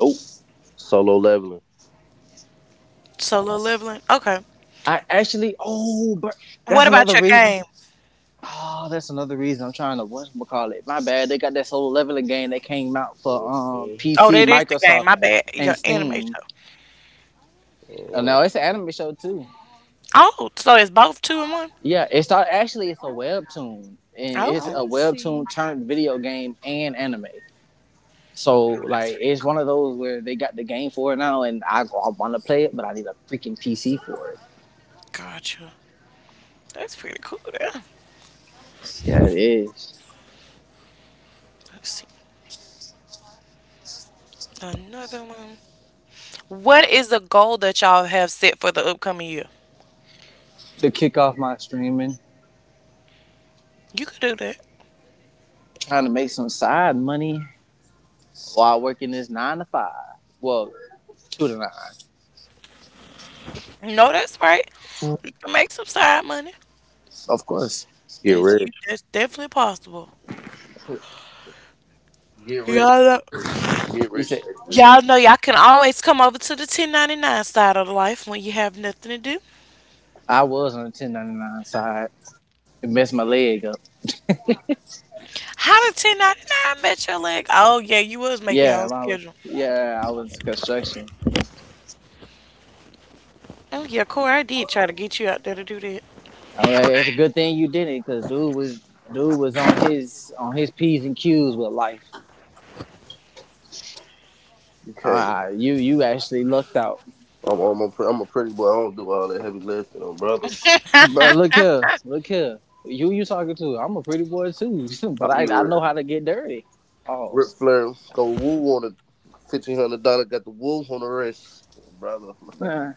S2: nope.
S3: Solo leveling.
S1: Solo Leveling? Okay.
S2: I actually oh, but that's
S1: What about
S2: another
S1: your
S2: reason
S1: game?
S2: Oh, that's another reason I'm trying to what's call it. My bad. They got that solo leveling game that came out for
S3: Mhm.
S1: Oh,
S2: PC,
S1: that is the game.
S2: Microsoft,
S1: My bad. Your
S2: and
S1: anime
S2: Steam.
S1: show.
S2: Oh,
S3: Mhm.
S2: no, it's an anime show too.
S1: Oh, so it's both two and one?
S2: Yeah, it started actually it's a webtoon. And
S1: Oh,
S2: it's
S1: that's
S2: a webtoon turned video game and anime. So like
S1: pretty
S2: it's
S1: cool.
S2: one of those where they got the game for it now and I wanna play it, but I need a freaking PC for it.
S1: Gotcha. That's pretty cool. Yeah.
S2: Yeah, it is.
S1: Let's see. Another one. What is the goal that y'all have set for the upcoming year?
S2: To kick off my streaming,
S1: You could do that.
S2: trying to make some side money while working this nine to five. Well, two to nine,
S1: No, that's right. You can make some side money.
S2: of course.
S3: Get
S1: That's you.
S3: rich.
S1: That's definitely possible.
S3: Get rich.
S1: Y'all know,
S3: Get
S2: He
S3: rich.
S2: said
S3: Stay rich.
S1: y'all know y'all can always come over to the 1099 side of life when you have nothing to do.
S2: I was on the 1099 side. It messed my leg up.
S1: How did 1099 met your leg? Oh, yeah, you was making your
S2: Yeah,
S1: own
S2: my,
S1: schedule.
S2: yeah, I was construction.
S1: Oh, yeah, Corey, I did try to get you out there to do that.
S2: I mean, it's a good thing you did it, cause dude was on his p's and q's with life.
S3: You can't.
S2: Ah, you actually lucked out,
S3: I'm a pretty boy. I don't do all that heavy lifting, on brother.
S2: bro. Look here, look here. You talking to? I'm a pretty boy too,
S3: I
S2: but
S3: be
S2: I know
S3: rich.
S2: how to get dirty. Oh,
S3: Rip Flair go woo on it. $1,500 got the woo on the wrist, brother.
S2: nah.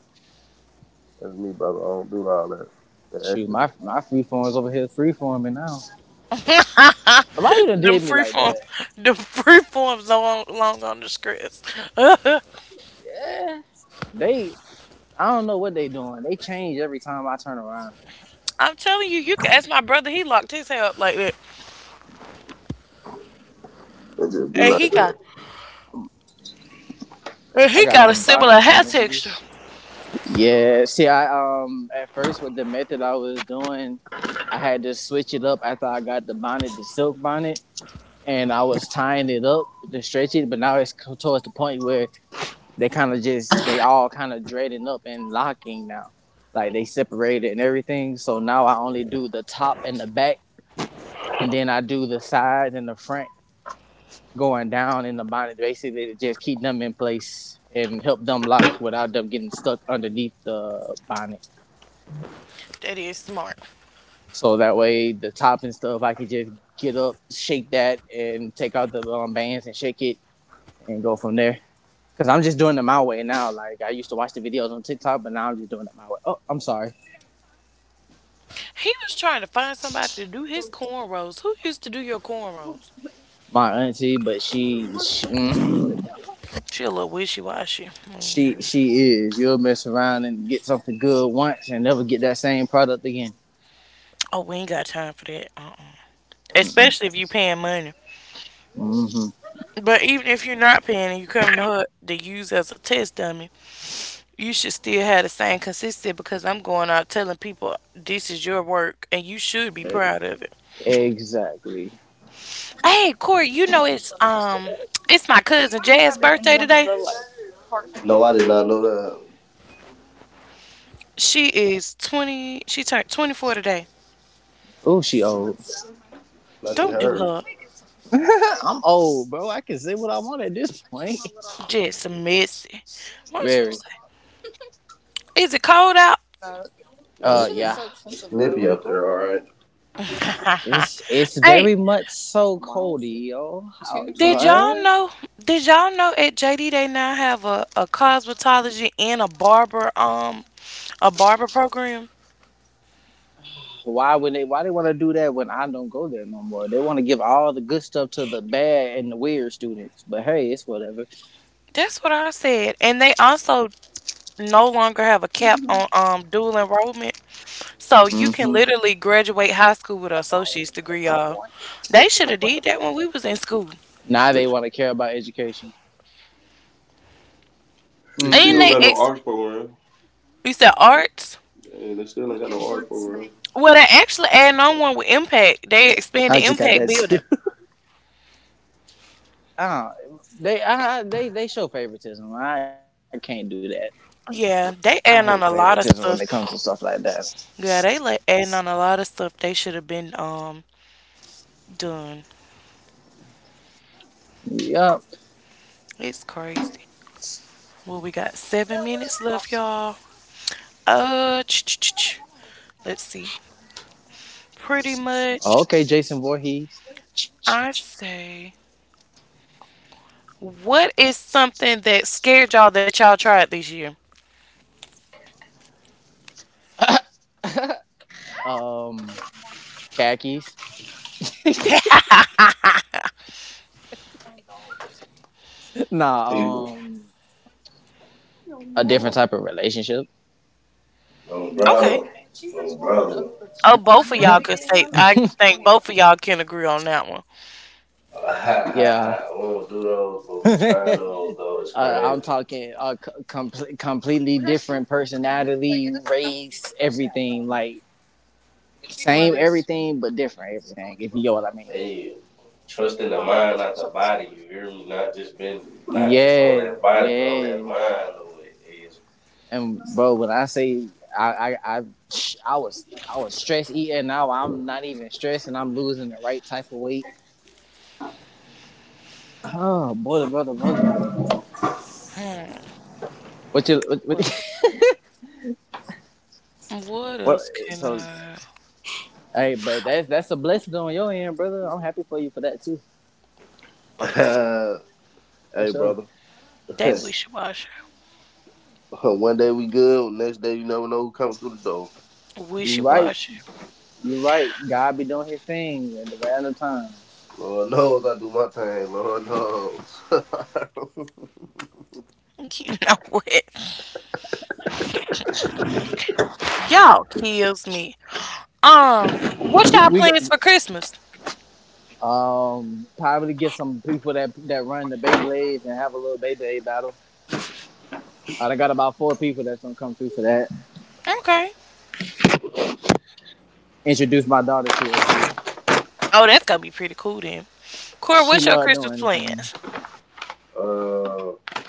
S3: That's me, brother. I don't do all that. The
S2: Shoot,
S3: extra.
S2: my free forms over here free forming now. But why you done
S1: Them
S2: did me
S1: free
S2: like
S1: form,
S2: that?
S1: them free forms no long on the scripts.
S2: They I don't know what they doing. They change every time I turn around.
S1: I'm telling you, you can ask my brother. He locked his hair up like that,
S3: It just be
S1: and
S3: like
S1: he
S3: that.
S1: got, and
S2: I
S1: he
S2: got
S1: got
S2: a
S1: a
S2: bonnet
S1: similar
S2: on
S1: hair
S2: this
S1: texture.
S2: bitch. Yeah. See, I at first with the method I was doing, I had to switch it up after I got the bonnet, the silk bonnet, and I was tying it up to stretch it. But now it's towards the point where they all kind of dreading up and locking now, like they separated and everything. So now I only do the top and the back, and then I do the sides and the front going down in the bottom, basically to just keep them in place and help them lock without them getting stuck underneath the bonnet.
S1: That is smart.
S2: So that way, the top and stuff, I could just get up, shake that, and take out the bands and shake it and go from there. Cause I'm just doing it my way now. Like I used to watch the videos on TikTok, but now I'm just doing it my way. Oh, I'm sorry,
S1: He was trying to find somebody to do his cornrows. Who used to do your cornrows?
S2: my auntie, but
S1: She a little wishy washy.
S2: she is. You'll mess around and get something good once and never get that same product again.
S1: Oh, we ain't got time for that. Uh-uh. Especially if you paying money.
S2: Mm-hmm.
S1: But even if you're not paying and you come to her to use as a test dummy, you should still have the same consistency because I'm going out telling people this is your work and you should be proud of it.
S2: Exactly.
S1: Hey, Corey, you know it's my cousin Jazz's birthday today.
S3: No, I did not know that.
S1: She turned 24 today.
S2: Oh, she old.
S3: Lucky
S1: Don't do
S3: her.
S1: her.
S2: I'm old, bro. I can say what I want at this point.
S1: Just messy. What I was finna
S2: Very.
S1: say? Is it cold out?
S3: Yeah,
S2: Yeah.
S3: it's snippy up there. All right.
S2: It's
S1: hey,
S2: very much so Cody, yo. Out
S1: did y'all know? Did y'all know at JD they now have a cosmetology and a barber program?
S2: why would they? Why they want to do that when I don't go there no more? They want to give all the good stuff to the bad and the weird students. But hey, it's whatever.
S1: That's what I said. And they also no longer have a cap on dual enrollment. So you can
S2: Hmm.
S1: literally graduate high school with an associate's degree, y'all. They should have did that when we was in school.
S2: Now they want to care about education.
S3: They
S2: Mm.
S1: And
S3: still don't
S1: they
S3: got no
S1: ex
S3: arts program.
S1: you said arts?
S3: Yeah, they still ain't got no arts program.
S1: Well, they actually adding on one with Impact. They
S2: I just
S1: expand
S2: got
S1: the
S2: that too.
S1: Impact building.
S2: I don't, they I, they show favoritism. I can't do that. I hate
S1: Yeah, they
S2: favoritism when
S1: adding
S2: it
S1: on a
S2: comes to
S1: lot of
S2: stuff like
S1: stuff.
S2: that.
S1: Yeah, they like adding on a lot of stuff they should have been done.
S2: Yep.
S1: It's crazy. Well, we got 7 minutes left, y'all. Uh, ch- ch- ch- ch- let's see. Pretty much,
S2: Okay, Jason Voorhees.
S1: I say, what is something that scared y'all that y'all tried this year?
S2: Um, Khakis. Nah.
S3: People,
S2: A different type of relationship.
S3: no
S1: Okay.
S3: brother, no brother.
S1: Oh, both of y'all could say. I think both of y'all can agree on that one.
S3: Ha ha
S2: Yeah.
S3: ha! We don't do those, but we trying
S2: uh,
S3: those though. It's
S2: I'm
S3: crazy.
S2: talking a com- completely different personality, race, everything. Like, same everything, but different everything, if you know what I mean.
S3: Hey, trusting the mind, not the body. You hear me? Not just on that
S2: Yeah,
S3: body, but on that
S2: yeah.
S3: mind. Though it is.
S2: And bro, when I say I I I, I was I was stress eating. Now I'm not even stressing. I'm losing the right type of weight. Oh, brother, brother, brother.
S1: Hmm.
S2: What you
S1: What
S2: what,
S1: else? What
S2: what
S1: else can
S2: so
S1: I?
S2: Hey, but that's a blessing on your end, brother. I'm happy for you for that too.
S1: Let me see.
S2: For
S3: Hey,
S2: sure.
S3: brother.
S1: They wishy washy,
S3: One day we good, next day you never know who coming through the door.
S1: wishy
S2: You right.
S1: washy.
S2: You right. God be doing his thing at the random time.
S3: Lord knows I do my thing. Lord knows.
S1: You know what? Y'all kills me. What
S2: We
S1: y'all
S2: we
S1: plans for Christmas?
S2: um probably get some people that run the Beyblades and have a little Beyblade battle. I got about 4 people that's gonna come through for that.
S1: Okay.
S2: Introduced my daughter to it too.
S1: Oh, that's gonna be pretty cool then. Cora,
S2: She
S1: what's your
S2: loved doing
S1: Christmas
S2: anything.
S1: plans?
S3: I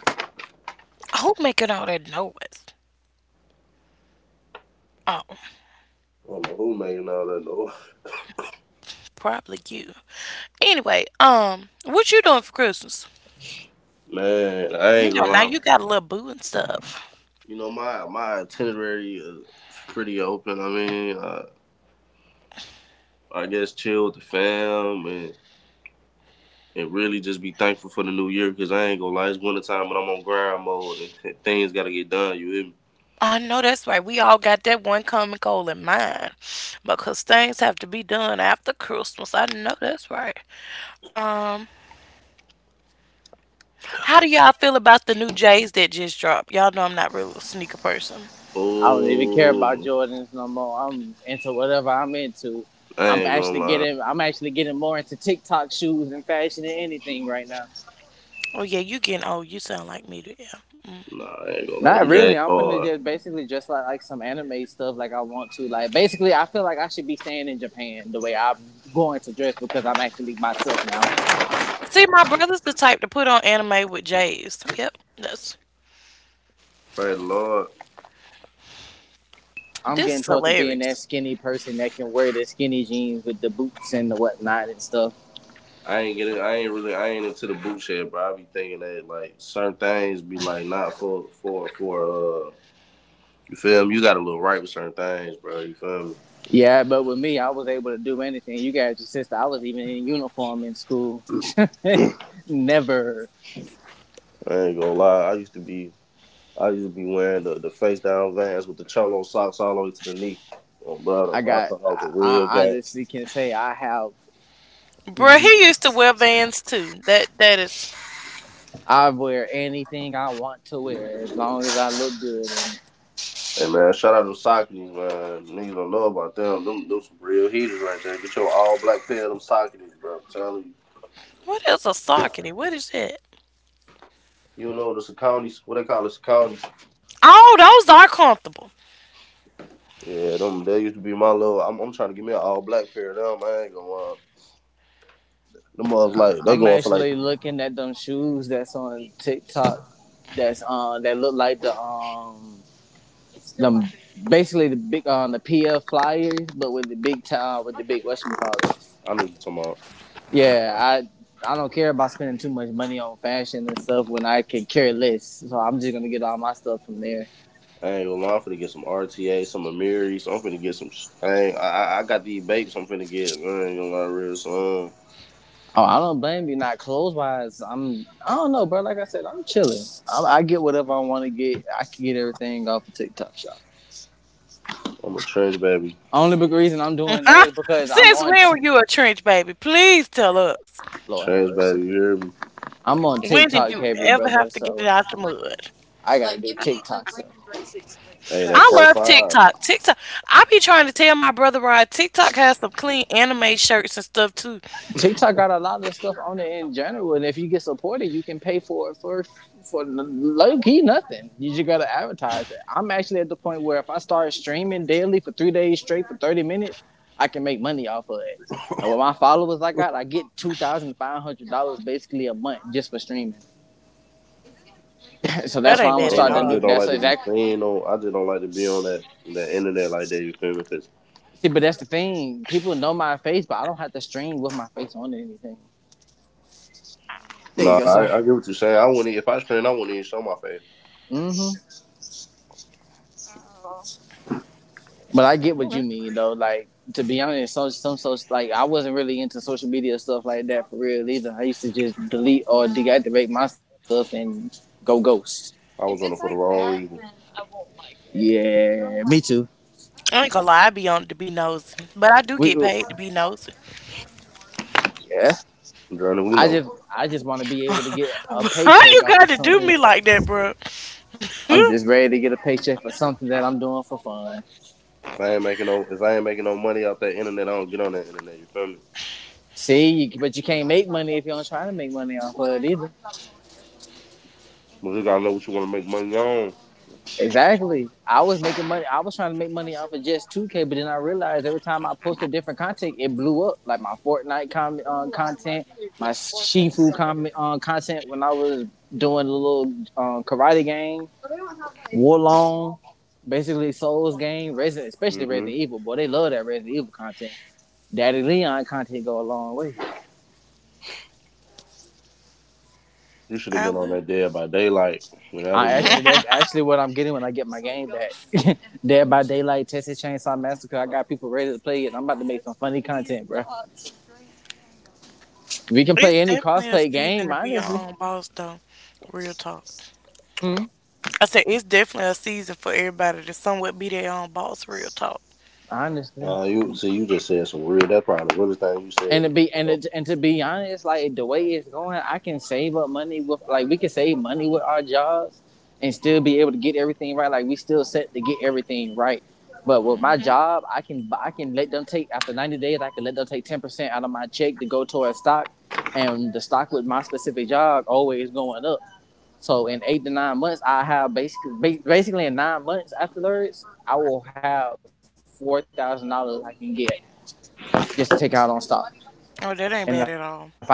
S1: Who making all that noise? Oh,
S3: don't know who making all that though.
S1: probably you. Anyway, what you doing for Christmas?
S3: Man, I
S1: You
S3: ain't
S1: know,
S3: gonna
S1: now you
S3: lie.
S1: got a little boo and stuff.
S3: You know my itinerary is pretty open. I guess chill with the fam and really just be thankful for the new year because I ain't gonna lie, it's winter time when I'm on grind mode and things gotta get done. You hear me?
S1: I know that's right. We all got that one common goal in mind because things have to be done after Christmas. I know that's right. Um, how do y'all feel about the new J's that just dropped? Y'all know I'm not really a sneaker person.
S2: I don't even care about
S3: Oh,
S2: Jordans no more. I'm into whatever I'm into.
S3: I ain't gonna lie.
S2: I'm actually getting more into TikTok shoes and fashion than anything right now.
S1: Oh yeah, you getting old. You sound like me, yeah.
S3: Nah, I ain't gonna lie.
S2: Not
S3: Them
S2: really.
S3: Jags
S2: I'm finna
S3: hard.
S2: just basically just like some anime stuff like I want to. Like basically I feel like I should be staying in Japan the way I'm going to dress because I'm actually myself now.
S1: See, my brother's the type to put on anime with J's. Yep, that's
S3: Pray the Lord.
S2: I'm
S1: this
S2: getting
S1: is
S2: towards to being
S1: hilarious.
S2: that skinny person that can wear the skinny jeans with the boots and the whatnot and stuff.
S3: I ain't getting. I ain't really. I ain't into the boot shed, bro. I be thinking that like certain things be like not for. You feel me? You got a little right with certain things, bro. You feel me?
S2: Yeah, but with me, I was able to do anything. You guys, your sister, I was even in uniform in school. Never.
S3: I ain't gonna lie. I used to be wearing the face down Vans with the cholo socks all the way to the knee. Oh, brother,
S2: I
S3: I
S2: got.
S3: thought I was
S2: I
S3: a real
S2: I
S3: guy.
S2: honestly can say I have.
S1: Bruh, he used to wear Vans too. That that is
S2: I wear anything I want to wear as long as I look good. And
S3: Hey man, shout out to Sockies, man. Niggas don't know about them. Them some real heaters right there. Get your all black pair of them Sockies, bro. I'm telling you.
S1: what is a Saucony? What is that?
S3: You know the Saconis, what they call the Saconis.
S1: Oh, those are comfortable.
S3: Yeah, them they used to be my little. I'm trying to get me an all black pair of them. I ain't gonna. Them mugs like they
S2: I'm
S3: going for like.
S2: actually looking at them shoes that's on TikTok. That look like the them basically the big on the PF flyers, but with the big tie with the big whatchamacallit.
S3: I know what you talking about.
S2: Yeah, I don't care about spending too much money on fashion and stuff when I can care less. So I'm just gonna get all my stuff from there.
S3: I ain't gonna lie, I'm finna get some RTA, some Amiri, so I'm finna get some. Sh- I, ain't, I got these vapes. I'm finna get. I ain't gonna lie, real son.
S2: Oh, I don't blame you. Not clothes wise, I'm I don't know, bro. Like I said, I'm chilling. I get whatever I want to get. I can get everything off of TikTok Shop.
S3: I'm a trans baby,
S2: Only big reason I'm doing that
S1: Ah,
S2: is because I'm
S1: since
S2: on.
S1: when were
S2: T-
S1: you a trench baby? Please tell us.
S2: Lord have
S3: Trans baby.
S2: mercy.
S3: You hear me?
S2: I'm on
S1: When did
S2: TikTok
S1: you
S2: heavy,
S1: ever have
S2: brother.
S1: to get it
S2: So
S1: out the mud?
S2: I gotta do TikTok
S3: Hey, that
S1: I
S3: four
S1: love
S3: five.
S1: TikTok.
S2: stuff.
S1: TikTok. I be trying to tell my brother Rod TikTok has some clean anime shirts and stuff too.
S2: TikTok got a lot of stuff on it in general, and if you get supported, you can pay for it for low key nothing. You just gotta advertise it. I'm actually at the point where if I start streaming daily for 3 days straight for 30 minutes, I can make money off of it. And with my followers I got, I get $2,500 basically a month just for streaming. so
S3: I
S2: that's
S1: That
S2: why
S1: ain't
S2: I'm
S3: don't
S2: gonna
S1: bad at
S2: start
S3: know. I
S2: the new.
S3: just
S1: all.
S3: don't
S2: That's
S3: like to be
S2: exactly.
S3: seen on. I just don't like to be on that internet like that. You feel me? Cause
S2: See, but that's the thing. People know my face, but I don't have to stream with my face on or anything. There you
S3: nah,
S2: go, sir.
S3: I get what you're saying. I wouldn't. E- If I screen, I wouldn't even show my face.
S2: hmm But I get
S1: Mm,
S2: what you
S1: that's-
S2: mean, though. Like to be honest, so, some social like I wasn't really into social media stuff like that for real either. I used to just delete or deactivate my stuff and go ghost.
S3: I was on it for the wrong reason.
S2: Yeah, me too.
S1: I ain't gonna lie, I be on to be nosy, but I do get
S2: We
S1: paid to be nosy.
S2: yeah.
S3: Journey, we
S2: I
S3: know.
S2: just I just want to be able to get a
S1: Why
S2: paycheck
S1: you
S2: off
S1: got
S2: of
S1: to do
S2: something.
S1: me like that, bro?
S2: I'm just ready to get a paycheck for something that I'm doing for fun.
S3: If I ain't making no money off that internet, I don't get on that internet. You feel me?
S2: See, but you can't make money if you don't try to make money off of it either.
S3: But you gotta know what you wanna make money on.
S2: Exactly. I was making money. I was trying to make money off of just 2K, but then I realized every time I posted different content, it blew up. Like my Fortnite content, my Shifu content when I was doing a little karate game, Warlong, basically Souls game, Resident, especially
S3: Mhm.
S2: Resident Evil. Boy, they love that Resident Evil content. Daddy Leon content go a long way.
S3: You should have
S1: I
S3: been on
S1: would.
S3: that Dead by Daylight when that was
S2: I
S3: going.
S2: actually that's actually what I'm getting when I get my game back. Dead by Daylight, Texas Chainsaw Massacre. I got people ready to play it. I'm about to make some funny content, bro. We can
S1: It's
S2: play any
S1: definitely a
S2: crossplay
S1: season
S2: game,
S1: to be your
S2: honestly.
S1: own boss, though. Real talk.
S2: Hmm.
S1: I said it's definitely a season for everybody to somewhat be their own boss. Real talk.
S2: Honestly,
S3: Nah, you see, you just said some real. That's probably the realest thing you said. You
S2: And to be honest, like the way it's going, I can save up money with like we can save money with our jobs and still be able to get everything right. Like we still set to get everything right. But with my job, I can let them take after 90 days. I can let them take 10% out of my check to go towards stock, and the stock with my specific job always going up. So in 8 to 9 months, I have basically in 9 months afterwards, I will have $4,000 I can get just to take out on stock.
S1: Oh,
S2: And if
S1: that
S2: I
S1: ain't
S2: do
S1: bad at
S2: nine
S1: all.
S2: months,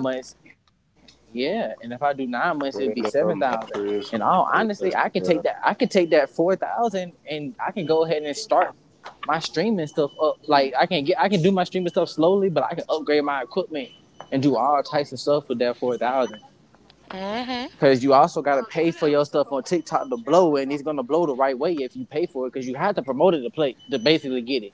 S2: yeah. And if I do 9 months, it'd be 7,000.
S3: know, it
S2: And
S3: ain't
S2: all honestly,
S3: no. That was
S2: I
S3: such
S2: could
S3: a
S2: take
S3: yeah.
S2: that 4,000, and I can go ahead and start my streaming stuff up. Like I can do my streaming stuff slowly, but I can upgrade my equipment and do all types of stuff with that 4,000.
S1: Mhm.
S2: Because you also gotta pay for your stuff on TikTok to blow, and it's gonna blow the right way if you pay for it. Because you have to promote it to play to basically get it.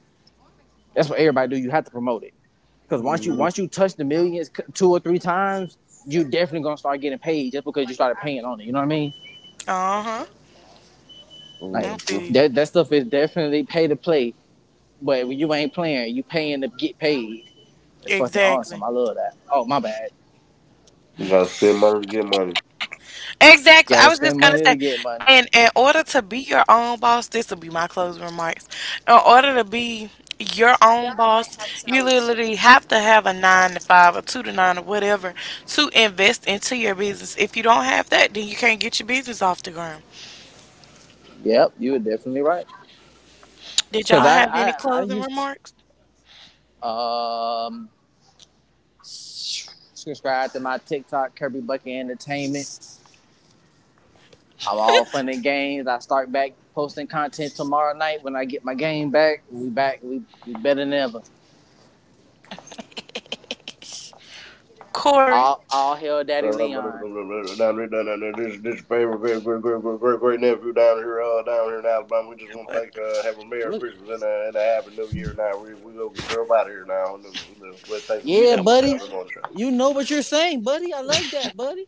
S2: That's what everybody do. You have to promote it because once you touch the millions two or three times, you definitely gonna start getting paid just because you started paying on it. You know what I mean?
S1: Uh huh. I
S2: Like
S1: feel
S3: Mm-hmm.
S1: you.
S2: that stuff is definitely pay to play. But when you ain't playing, you paying to get paid. That's fucking awesome.
S1: Exactly.
S2: I love that. Oh my bad.
S3: You gotta spend money to get money.
S2: You
S1: Exactly. I
S2: gotta
S1: was
S2: spend
S1: just gonna
S2: money
S1: say,
S2: to get money.
S1: and in order to be your own boss, this will be my closing remarks. In order to be your own boss, you literally have to have a 9 to 5 or 2 to 9 or whatever to invest into your business. If you don't have that, then you can't get your business off the ground.
S2: Yep, you were definitely right.
S1: Did
S2: Cause
S1: y'all have any
S2: I
S1: closing
S2: used
S1: remarks,
S2: to subscribe to my TikTok Kirby Bucket Entertainment. I'm all fun and games. I start back posting content tomorrow night when I get my game back. We back. We better than ever.
S1: Corey?
S2: All hell, Daddy Leon.
S3: Down there, this your favorite great great great great great great nephew down here in Alabama. We just want to thank, have a Merry
S2: Look,
S3: Christmas and and a Happy New Year. Now we go get you up out of here now. And, we are thanking
S1: You
S3: you
S2: yeah,
S1: know
S3: for
S1: what?
S2: buddy.
S3: that.
S2: You know what you're saying, buddy. I like that, buddy.